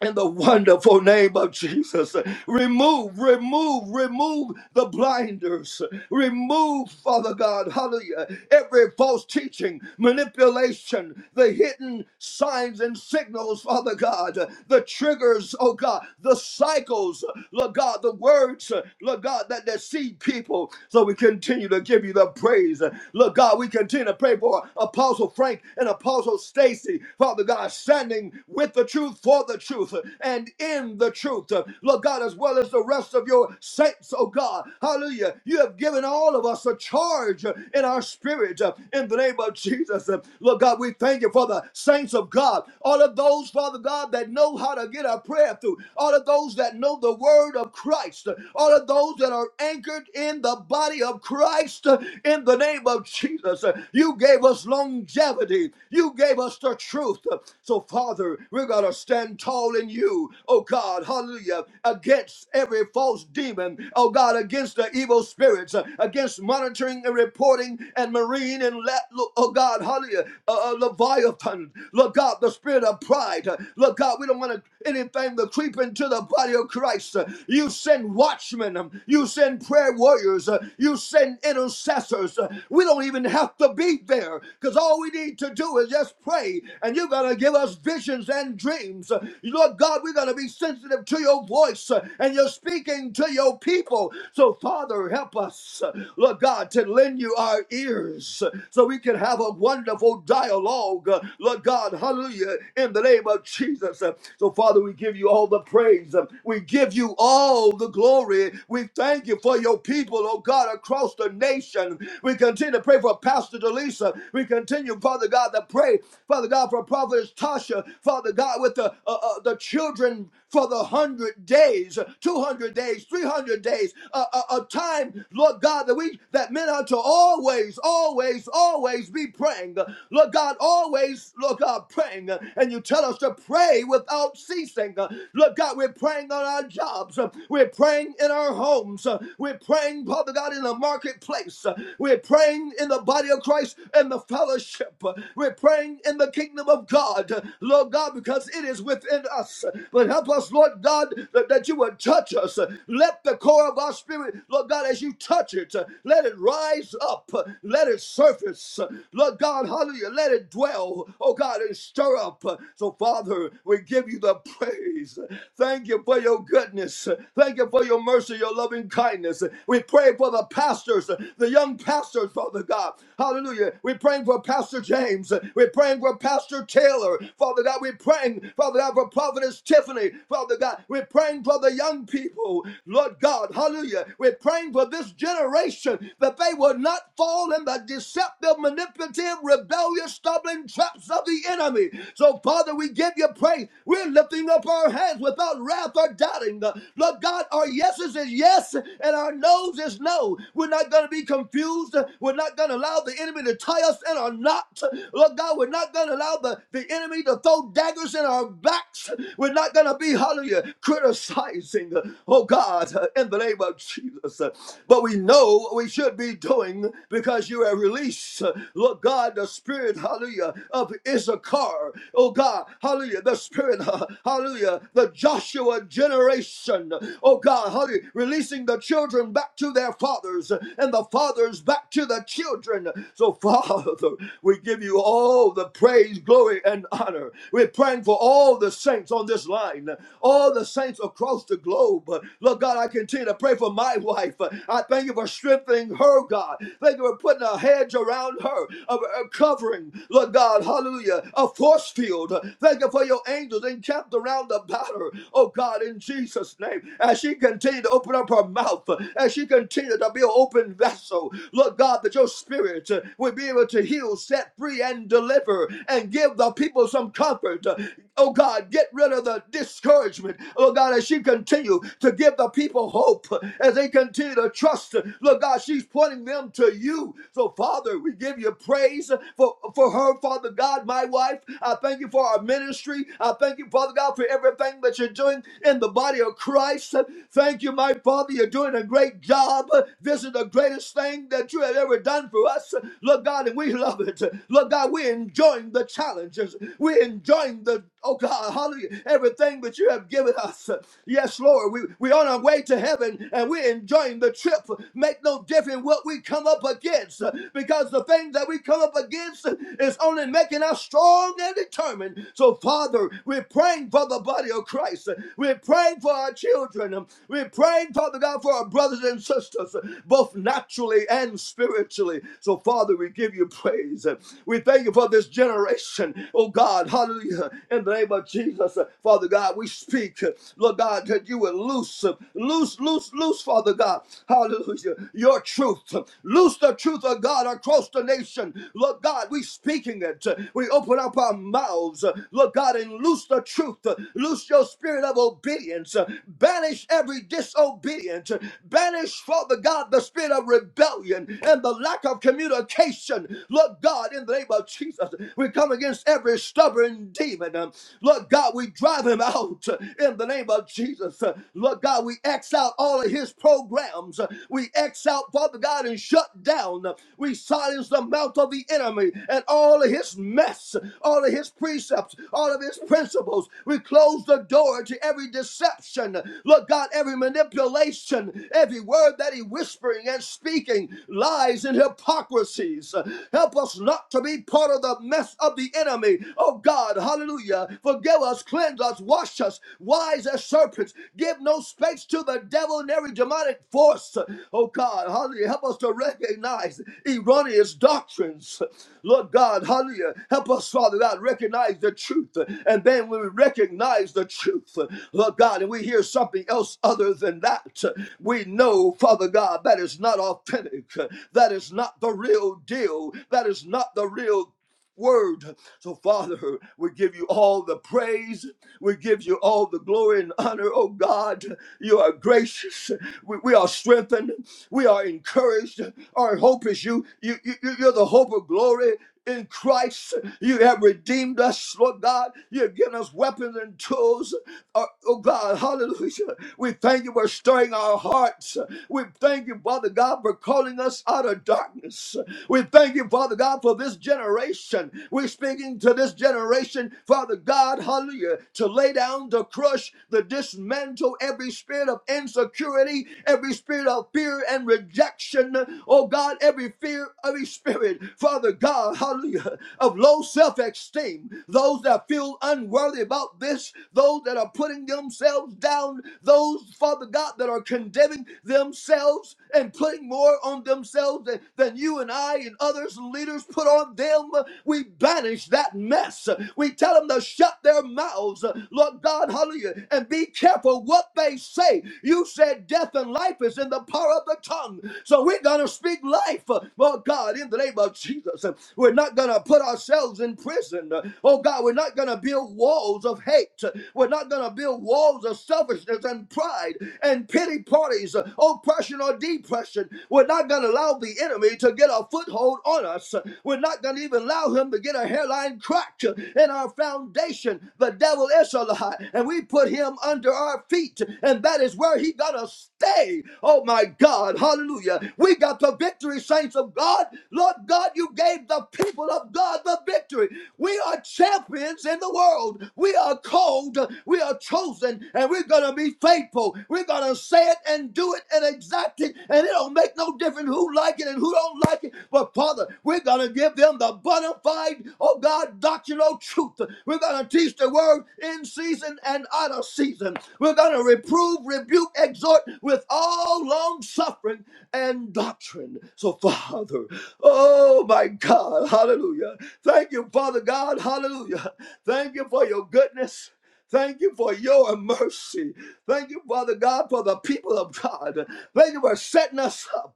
in the wonderful name of Jesus. Remove, remove, remove the blinders. Remove, Father God, hallelujah, every false teaching, manipulation, the hidden signs and signals, Father God, the triggers, oh God, the cycles, Lord God, the words, Lord God, that deceive people. So we continue to give you the praise. Lord God, we continue to pray for Apostle Frank and Apostle Stacy, Father God, standing with the truth for the the truth and in the truth. Lord God, as well as the rest of your saints, oh God. Hallelujah. You have given all of us a charge in our spirit uh, in the name of Jesus. Uh, Lord God, we thank you for the saints of God. All of those, Father God, that know how to get our prayer through. All of those that know the word of Christ. uh, All of those that are anchored in the body of Christ uh, in the name of Jesus. Uh, You gave us longevity. You gave us the truth. Uh, So, Father, we're going to stand stand tall in you, oh God, hallelujah, against every false demon, oh God, against the evil spirits, uh, against monitoring and reporting and marine and let, oh God, hallelujah, uh, uh, Leviathan, look God, the spirit of pride, uh, look God, we don't want to anything to creep into the body of Christ. Uh, You send watchmen, um, you send prayer warriors, uh, you send intercessors. Uh, We don't even have to be there because all we need to do is just pray, and you're going to give us visions and dreams names. Lord God, we're going to be sensitive to your voice uh, and you're speaking to your people. So, Father, help us, uh, Lord God, to lend you our ears uh, so we can have a wonderful dialogue, uh, Lord God, hallelujah, in the name of Jesus. Uh, So, Father, we give you all the praise. Uh, We give you all the glory. We thank you for your people, oh God, across the nation. We continue to pray for Pastor Delisa. We continue, Father God, to pray, Father God, for Prophetess Tasha, Father God. God, with the, uh, uh, the children for the 100 days, 200 days, 300 days, uh, a, a time, Lord God, that we, that men are to always, always, always be praying. Lord God, always, Lord God, praying. And you tell us to pray without ceasing. Lord God, we're praying on our jobs. We're praying in our homes. We're praying, Father God, in the marketplace. We're praying in the body of Christ and the fellowship. We're praying in the kingdom of God. Lord God, God, because it is within us. But help us, Lord God, that, that you would touch us. Let the core of our spirit, Lord God, as you touch it, let it rise up, let it surface. Lord God, hallelujah, let it dwell, oh God, and stir up. So, Father, we give you the praise. Thank you for your goodness. Thank you for your mercy, your loving kindness. We pray for the pastors, the young pastors, Father God. Hallelujah. We're praying for Pastor James. We're praying for Pastor Taylor, Father God. Father God, we're praying, Father God, for Prophetess Tiffany, Father God, we're praying for the young people, Lord God, hallelujah. We're praying for this generation that they will not fall in the deceptive, manipulative, rebellious, stumbling traps of the enemy. So, Father, we give you praise. We're lifting up our hands without wrath or doubting. Lord God, our yeses is yes and our noes is no. We're not going to be confused. We're not going to allow the enemy to tie us in our knot. Lord God, we're not going to allow the, the enemy to ready to throw daggers in our backs. We're not going to be, hallelujah, criticizing, oh God, in the name of Jesus. But we know we should be doing because you have released, Lord God, the spirit, hallelujah, of Issachar. Oh God, hallelujah, the spirit, hallelujah, the Joshua generation. Oh God, hallelujah, releasing the children back to their fathers and the fathers back to the children. So, Father, we give you all the praise, glory, and and honor. We're praying for all the saints on this line, all the saints across the globe. Lord God, I continue to pray for my wife. I thank you for strengthening her, God. Thank you for putting a hedge around her, a covering, Lord God, hallelujah, a force field. Thank you for your angels encamped around about her, oh God, in Jesus' name. As she continued to open up her mouth, as she continued to be an open vessel, Lord God, that your spirit will be able to heal, set free, and deliver, and give the the people some comfort. Uh, Oh God, get rid of the discouragement. Oh God, as she continue to give the people hope, uh, as they continue to trust. uh, Lord God, she's pointing them to you. So Father, we give you praise uh, for, for her, Father God, my wife. I thank you for our ministry. I thank you, Father God, for everything that you're doing in the body of Christ. Uh, Thank you, my Father. You're doing a great job. Uh, This is the greatest thing that you have ever done for us. Uh, Lord God, and we love it. Uh, Lord God, we're enjoying the challenge challenges. We're enjoying the, oh God, hallelujah, everything that you have given us. Yes, Lord, we, we're on our way to heaven and we're enjoying the trip. Make no difference what we come up against because the thing that we come up against is only making us strong and determined. So, Father, we're praying for the body of Christ. We're praying for our children. We're praying, Father God, for our brothers and sisters, both naturally and spiritually. So, Father, we give you praise. We thank you for this generation generation. Oh God, hallelujah. In the name of Jesus, uh, Father God, we speak, uh, Lord God, that you will loose, uh, loose, loose, loose, Father God, hallelujah, your truth. Loose the truth of God across the nation. Lord God, we speaking it. We open up our mouths, uh, Lord God, and loose the truth. Loose your spirit of obedience. Banish every disobedience. Banish, Father God, the spirit of rebellion and the lack of communication. Lord God, in the name of Jesus, we come against every stubborn demon. Um, Lord God, we drive him out uh, in the name of Jesus. Uh, Lord God, we X out all of his programs. Uh, We X out, Father God, and shut down. Uh, We silence the mouth of the enemy and all of his mess, all of his precepts, all of his principles. We close the door to every deception. Lord God, every manipulation, every word that he whispering and speaking, lies and hypocrisies. Uh, Help us not to be part of the the mess of the enemy. Oh God, hallelujah. Forgive us, cleanse us, wash us, wise as serpents. Give no space to the devil and every demonic force. Oh God, hallelujah. Help us to recognize erroneous doctrines. Lord God, hallelujah. Help us, Father God, recognize the truth. And then when we recognize the truth, Lord God, and we hear something else other than that, we know, Father God, that is not authentic. That is not the real deal. That is not the real word. So, Father, we give you all the praise. We give you all the glory and honor, oh God. You are gracious. We, we are strengthened. We are encouraged. Our hope is you. You, you. you- You're the hope of glory. In Christ, you have redeemed us, Lord God. You have given us weapons and tools. Uh, Oh God, hallelujah. We thank you for stirring our hearts. We thank you, Father God, for calling us out of darkness. We we thank you, Father God, for this generation. We're speaking to this generation, Father God, hallelujah, to lay down, to crush, to dismantle every spirit of insecurity, every spirit of fear and rejection. Oh God, every fear, every spirit, Father God, hallelujah, of low self esteem, those that feel unworthy about this, those that are putting themselves down, those, Father God, that are condemning themselves and putting more more on themselves than, than you and I and others and leaders put on them. We banish that mess. We tell them to shut their mouths, Lord God, hallelujah, and be careful what they say. You said death and life is in the power of the tongue. So we're going to speak life, Lord God, in the name of Jesus. We're not going to put ourselves in prison. Oh God, we're not going to build walls of hate. We're not going to build walls of selfishness and pride and pity parties bodies, uh, oppression or depression. We're not going to allow the enemy to get a foothold on us. We're not going to even allow him to get a hairline crack in our foundation. The devil is a lie, and we put him under our feet, and that is where he got to stay. Oh my God, hallelujah. We got the victory, saints of God. Lord God, you gave the people of God the victory. We are champions in the world. We are called, we are chosen, and we're going to going to be faithful. We're going to say it and do it and exact it. And it don't make no difference who like it and who don't like it. But Father, we're going to give them the bona fide, oh God, doctrinal truth. We're going to teach the word in season and out of season. We're going to reprove, rebuke, exhort with all long suffering and doctrine. So, Father, oh my God, hallelujah. Thank you, Father God, hallelujah. Thank you for your goodness. Thank you for your mercy. Thank you, Father God, for the people of God. Thank you for setting us up.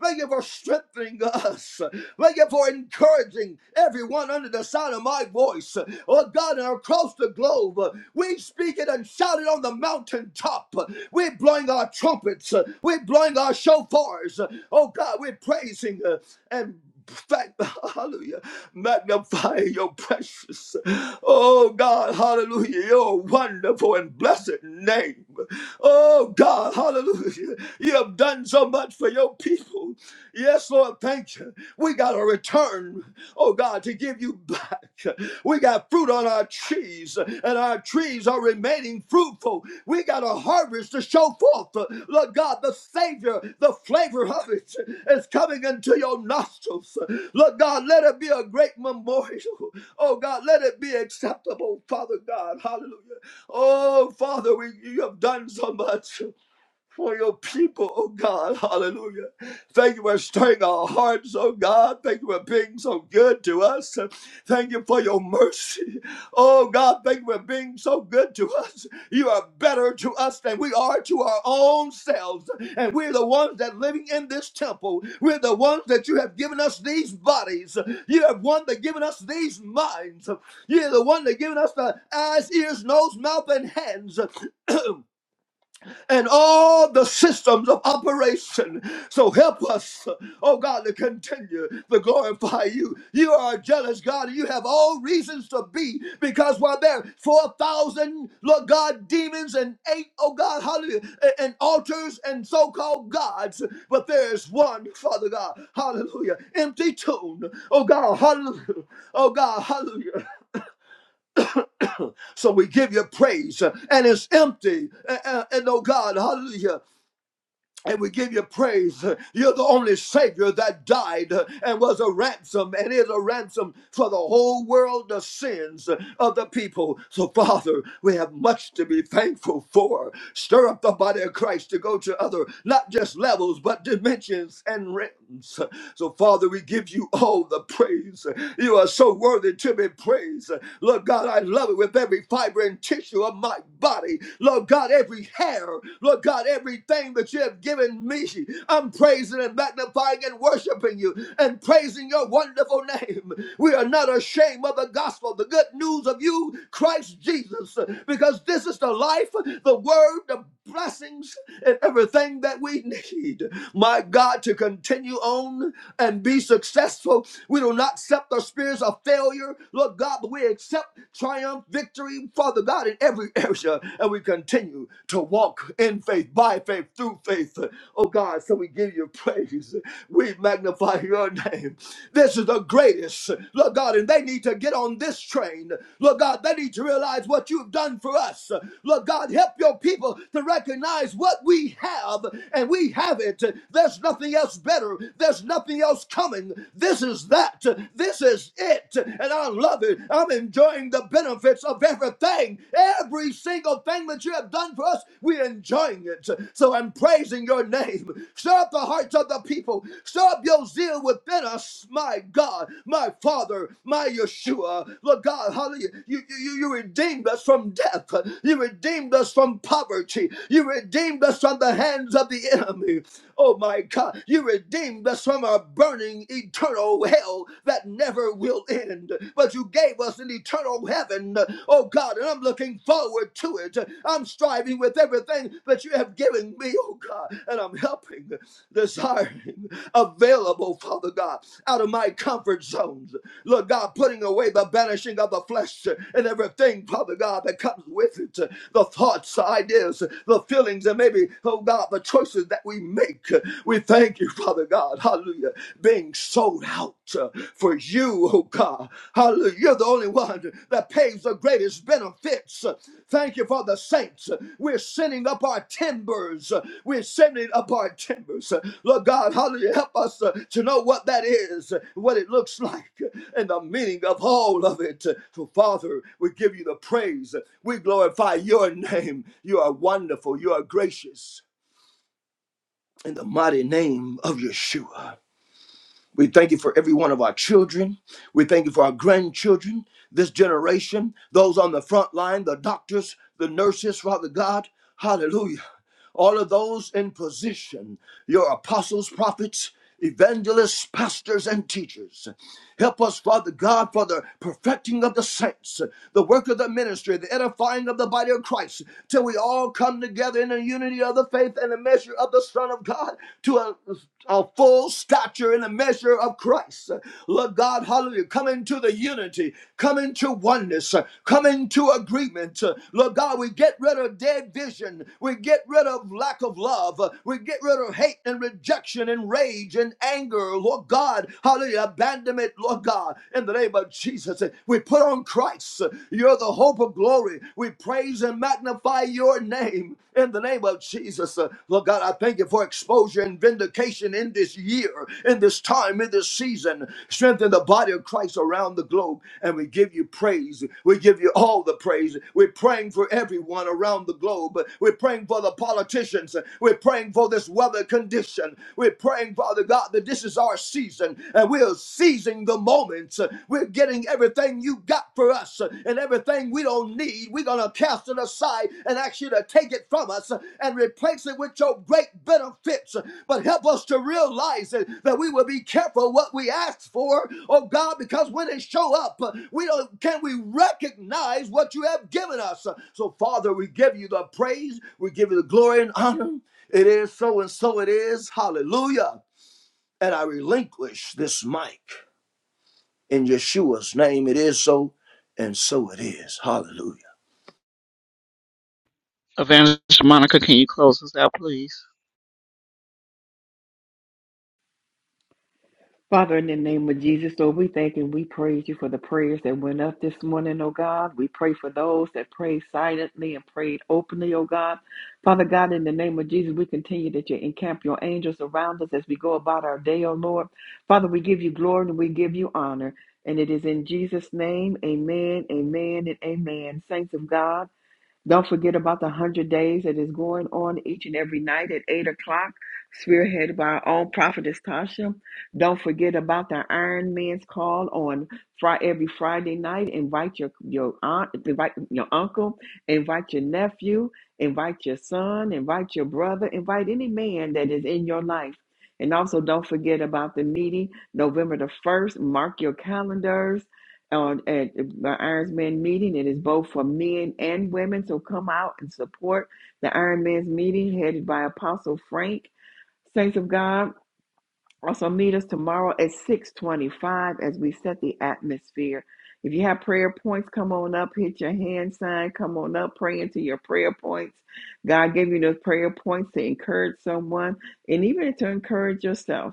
Thank you for strengthening us. Thank you for encouraging everyone under the sound of my voice. Oh God, and across the globe, we speak it and shout it on the mountaintop. We're blowing our trumpets. We're blowing our shofars. Oh God, we're praising and Fact, hallelujah. Magnify your precious. Oh God, hallelujah. Your wonderful and blessed name. Oh God, hallelujah. You have done so much for your people. Yes, Lord, thank you. We got a return, oh God, to give you back. We got fruit on our trees, and our trees are remaining fruitful. We got a harvest to show forth, Lord God, the Savior, the flavor of it is coming into your nostrils. Lord God, let it be a great memorial. Oh God, let it be acceptable, Father God. Hallelujah. Oh Father, we, you have done so much for your people, oh God. Hallelujah. Thank you for stirring our hearts, oh God. Thank you for being so good to us. Thank you for your mercy. Oh God, thank you for being so good to us. You are better to us than we are to our own selves. And we're the ones that living in this temple. We're the ones that you have given us these bodies. You have one that given us these minds. You're the one that given us the eyes, ears, nose, mouth, and hands. and all the systems of operation. So help us, oh God, to continue to glorify you. You are a jealous God, and you have all reasons to be, because while there are 4,000, Lord God, demons and eight, oh God, hallelujah, a- and altars and so called gods, but there is one, Father God, hallelujah, empty tomb, oh God, hallelujah, oh God, hallelujah. So we give you praise, and it's empty, and, and and, oh God, hallelujah and we give you praise. You're the only Savior that died and was a ransom and is a ransom for the whole world, the sins of the people. So, Father, we have much to be thankful for. Stir up the body of Christ to go to other, not just levels, but dimensions and realms. So, Father, we give you all the praise. You are so worthy to be praised. Lord God, I love it with every fiber and tissue of my body. Lord God, every every hair, Lord God, everything that you have given me. I'm praising and magnifying and worshiping you and praising your wonderful name. We are not ashamed of the gospel, the good news of you, Christ Jesus, because this is the life, the word, the blessings and everything that we need, my God, to continue on and be successful. We do not accept the spirits of failure, Lord God, but we accept triumph, victory, Father God, in every area. And we continue to walk in faith, by faith, through faith. Oh God, so we give you praise. We magnify your name. This is the greatest, Lord God, and they need to get get on this train. Lord God, they need to realize what you've done for us. Lord God, help your people to recognize what we have, and we have it. There's nothing else better. There's nothing else coming. This is that. This is it. And I love it. I'm enjoying the benefits of everything. Every single thing that you have done for us, we're enjoying it. So I'm praising your name. Stir up the heart hearts of the people. Stir up your zeal within us, my God, my Father, my Yeshua. Lord God, hallelujah. You, you, you redeemed us from death. You redeemed us from poverty. You redeemed us from the hands of the enemy. Oh my God, you redeemed us from a burning eternal hell that never will end. But you gave us an eternal heaven. Oh God, and I'm looking forward forward to it. I'm striving with everything that you have given me, oh God, and I'm helping, desiring, available, Father God, out of my comfort zones. Lord God, putting away the banishing of the flesh and everything, Father God, that comes with it the thoughts, the ideas, the feelings, and maybe, oh God, the choices that we make. We thank you, Father God, hallelujah, being sold out for you, oh God. Hallelujah. You're the only one that pays the greatest benefits. Thank you for the saints. We're sending up our timbers. We're sending up our timbers. Lord God, hallelujah. Help us uh, to know what that is, what it looks like, and the meaning of all of it. So, Father, we give you the praise. We glorify your name. You are wonderful. You are gracious. In the mighty name of Yeshua. We thank you for every one of our children. We thank you for our grandchildren, this generation, those on the front line, the doctors, the nurses, Father God. Hallelujah all of those in position, your apostles, prophets, evangelists, pastors, and teachers. Help us, Father God, for the perfecting of the saints, the work of the ministry, the edifying of the body of Christ, till we all come together in the unity of the faith and the measure of the Son of God to a, a full stature in the measure of Christ. Lord God, hallelujah. Come into the unity, come into oneness, uh, come into agreement. Uh, Lord God, we get rid of dead vision, we get rid of lack of love, Uh, we get rid of hate and rejection and rage and anger. Lord God, hallelujah, abandonment, Lord God, in the name of Jesus. Uh, We put on Christ. Uh, You're the hope of glory. We praise and magnify your name in the name of Jesus. Jesus. Uh, Lord God, I thank you for exposure and vindication in this year, in this time, in this season. Strengthen the body of Christ around the globe. And we give you praise. We give you all the praise. We're praying for everyone around the globe. We're praying for the politicians. We're praying for this weather condition. We're praying, Father God, that this is our season and we're seizing the moments. We're getting getting everything you got for us uh, and everything we don't need. We're going to cast it aside and ask you to take it from us uh, and replace it with your great benefits. Uh, But help us to realize that, that we will be careful what we ask for, oh God, because when they show up, uh, we don't can we recognize what you have given us. Uh, So Father, we give you the praise, we give you the glory and honor. It is so and so it is. Hallelujah. And I relinquish this mic. In Yeshua's name it is so, and so it is. Hallelujah. Evangelist Monica, can you close us out, please? Father, in the name of Jesus, Lord, we thank and we praise you for the prayers that went up this morning, oh God. We pray for those that prayed silently and prayed openly, oh God. Father God, in the name of Jesus, we continue that you encamp your angels around us as we go about our day, oh Lord. Father, we give you glory and we give you honor. And it is in Jesus' name, amen, amen, and amen. Saints of God. Don't forget about the 100 days that is going on each and every night at 8 o'clock, spearheaded by our own prophetess Tasha. Don't forget about the Iron Man's call on fri- every Friday night. Invite your, your aunt, invite your uncle, invite your nephew, invite your son, invite your brother, invite any man that is in your life. And also, don't forget about the meeting November the 1st. Mark your calendars on at the Iron Man meeting. It is both for men and women. So come out and support the Iron Man's meeting headed by Apostle Frank. Saints of God, also meet us tomorrow at 625 as we set the atmosphere. If you have prayer points, come on up, hit your hand sign, come on up, pray into your prayer points. God gave you those prayer points to encourage someone and even to encourage yourself.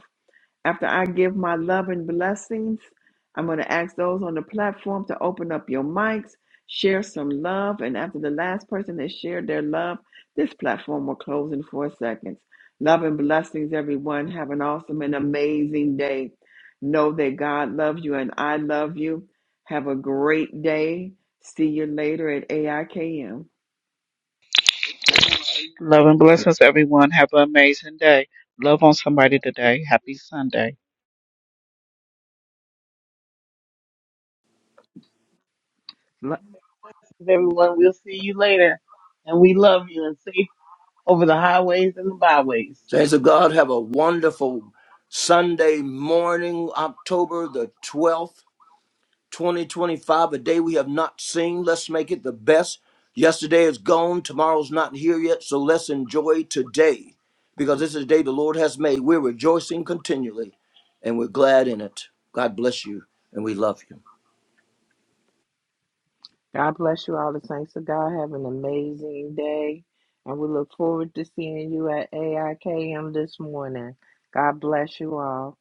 After I give my love and blessings, I'm going to ask those on the platform to open up your mics, share some love, and after the last person has shared their love, this platform will close in four seconds. Love and blessings, everyone. Have an awesome and amazing day. Know that God loves you and I love you. Have a great day. See you later at AIKM. Love and blessings, everyone. Have an amazing day. Love on somebody today. Happy Sunday. L- Everyone, we'll see you later. And we love you and safe over the highways and the byways. Saints of God, have a wonderful Sunday morning, October the 12th, 2025, a day we have not seen. Let's make it the best. Yesterday is gone, tomorrow's not here yet, so let's enjoy today because this is the day the Lord has made. We're rejoicing continually and we're glad in it. God bless you and we love you. God bless you all the saints of God. Have an amazing day. And we look forward to seeing you at AIKM this morning. God bless you all.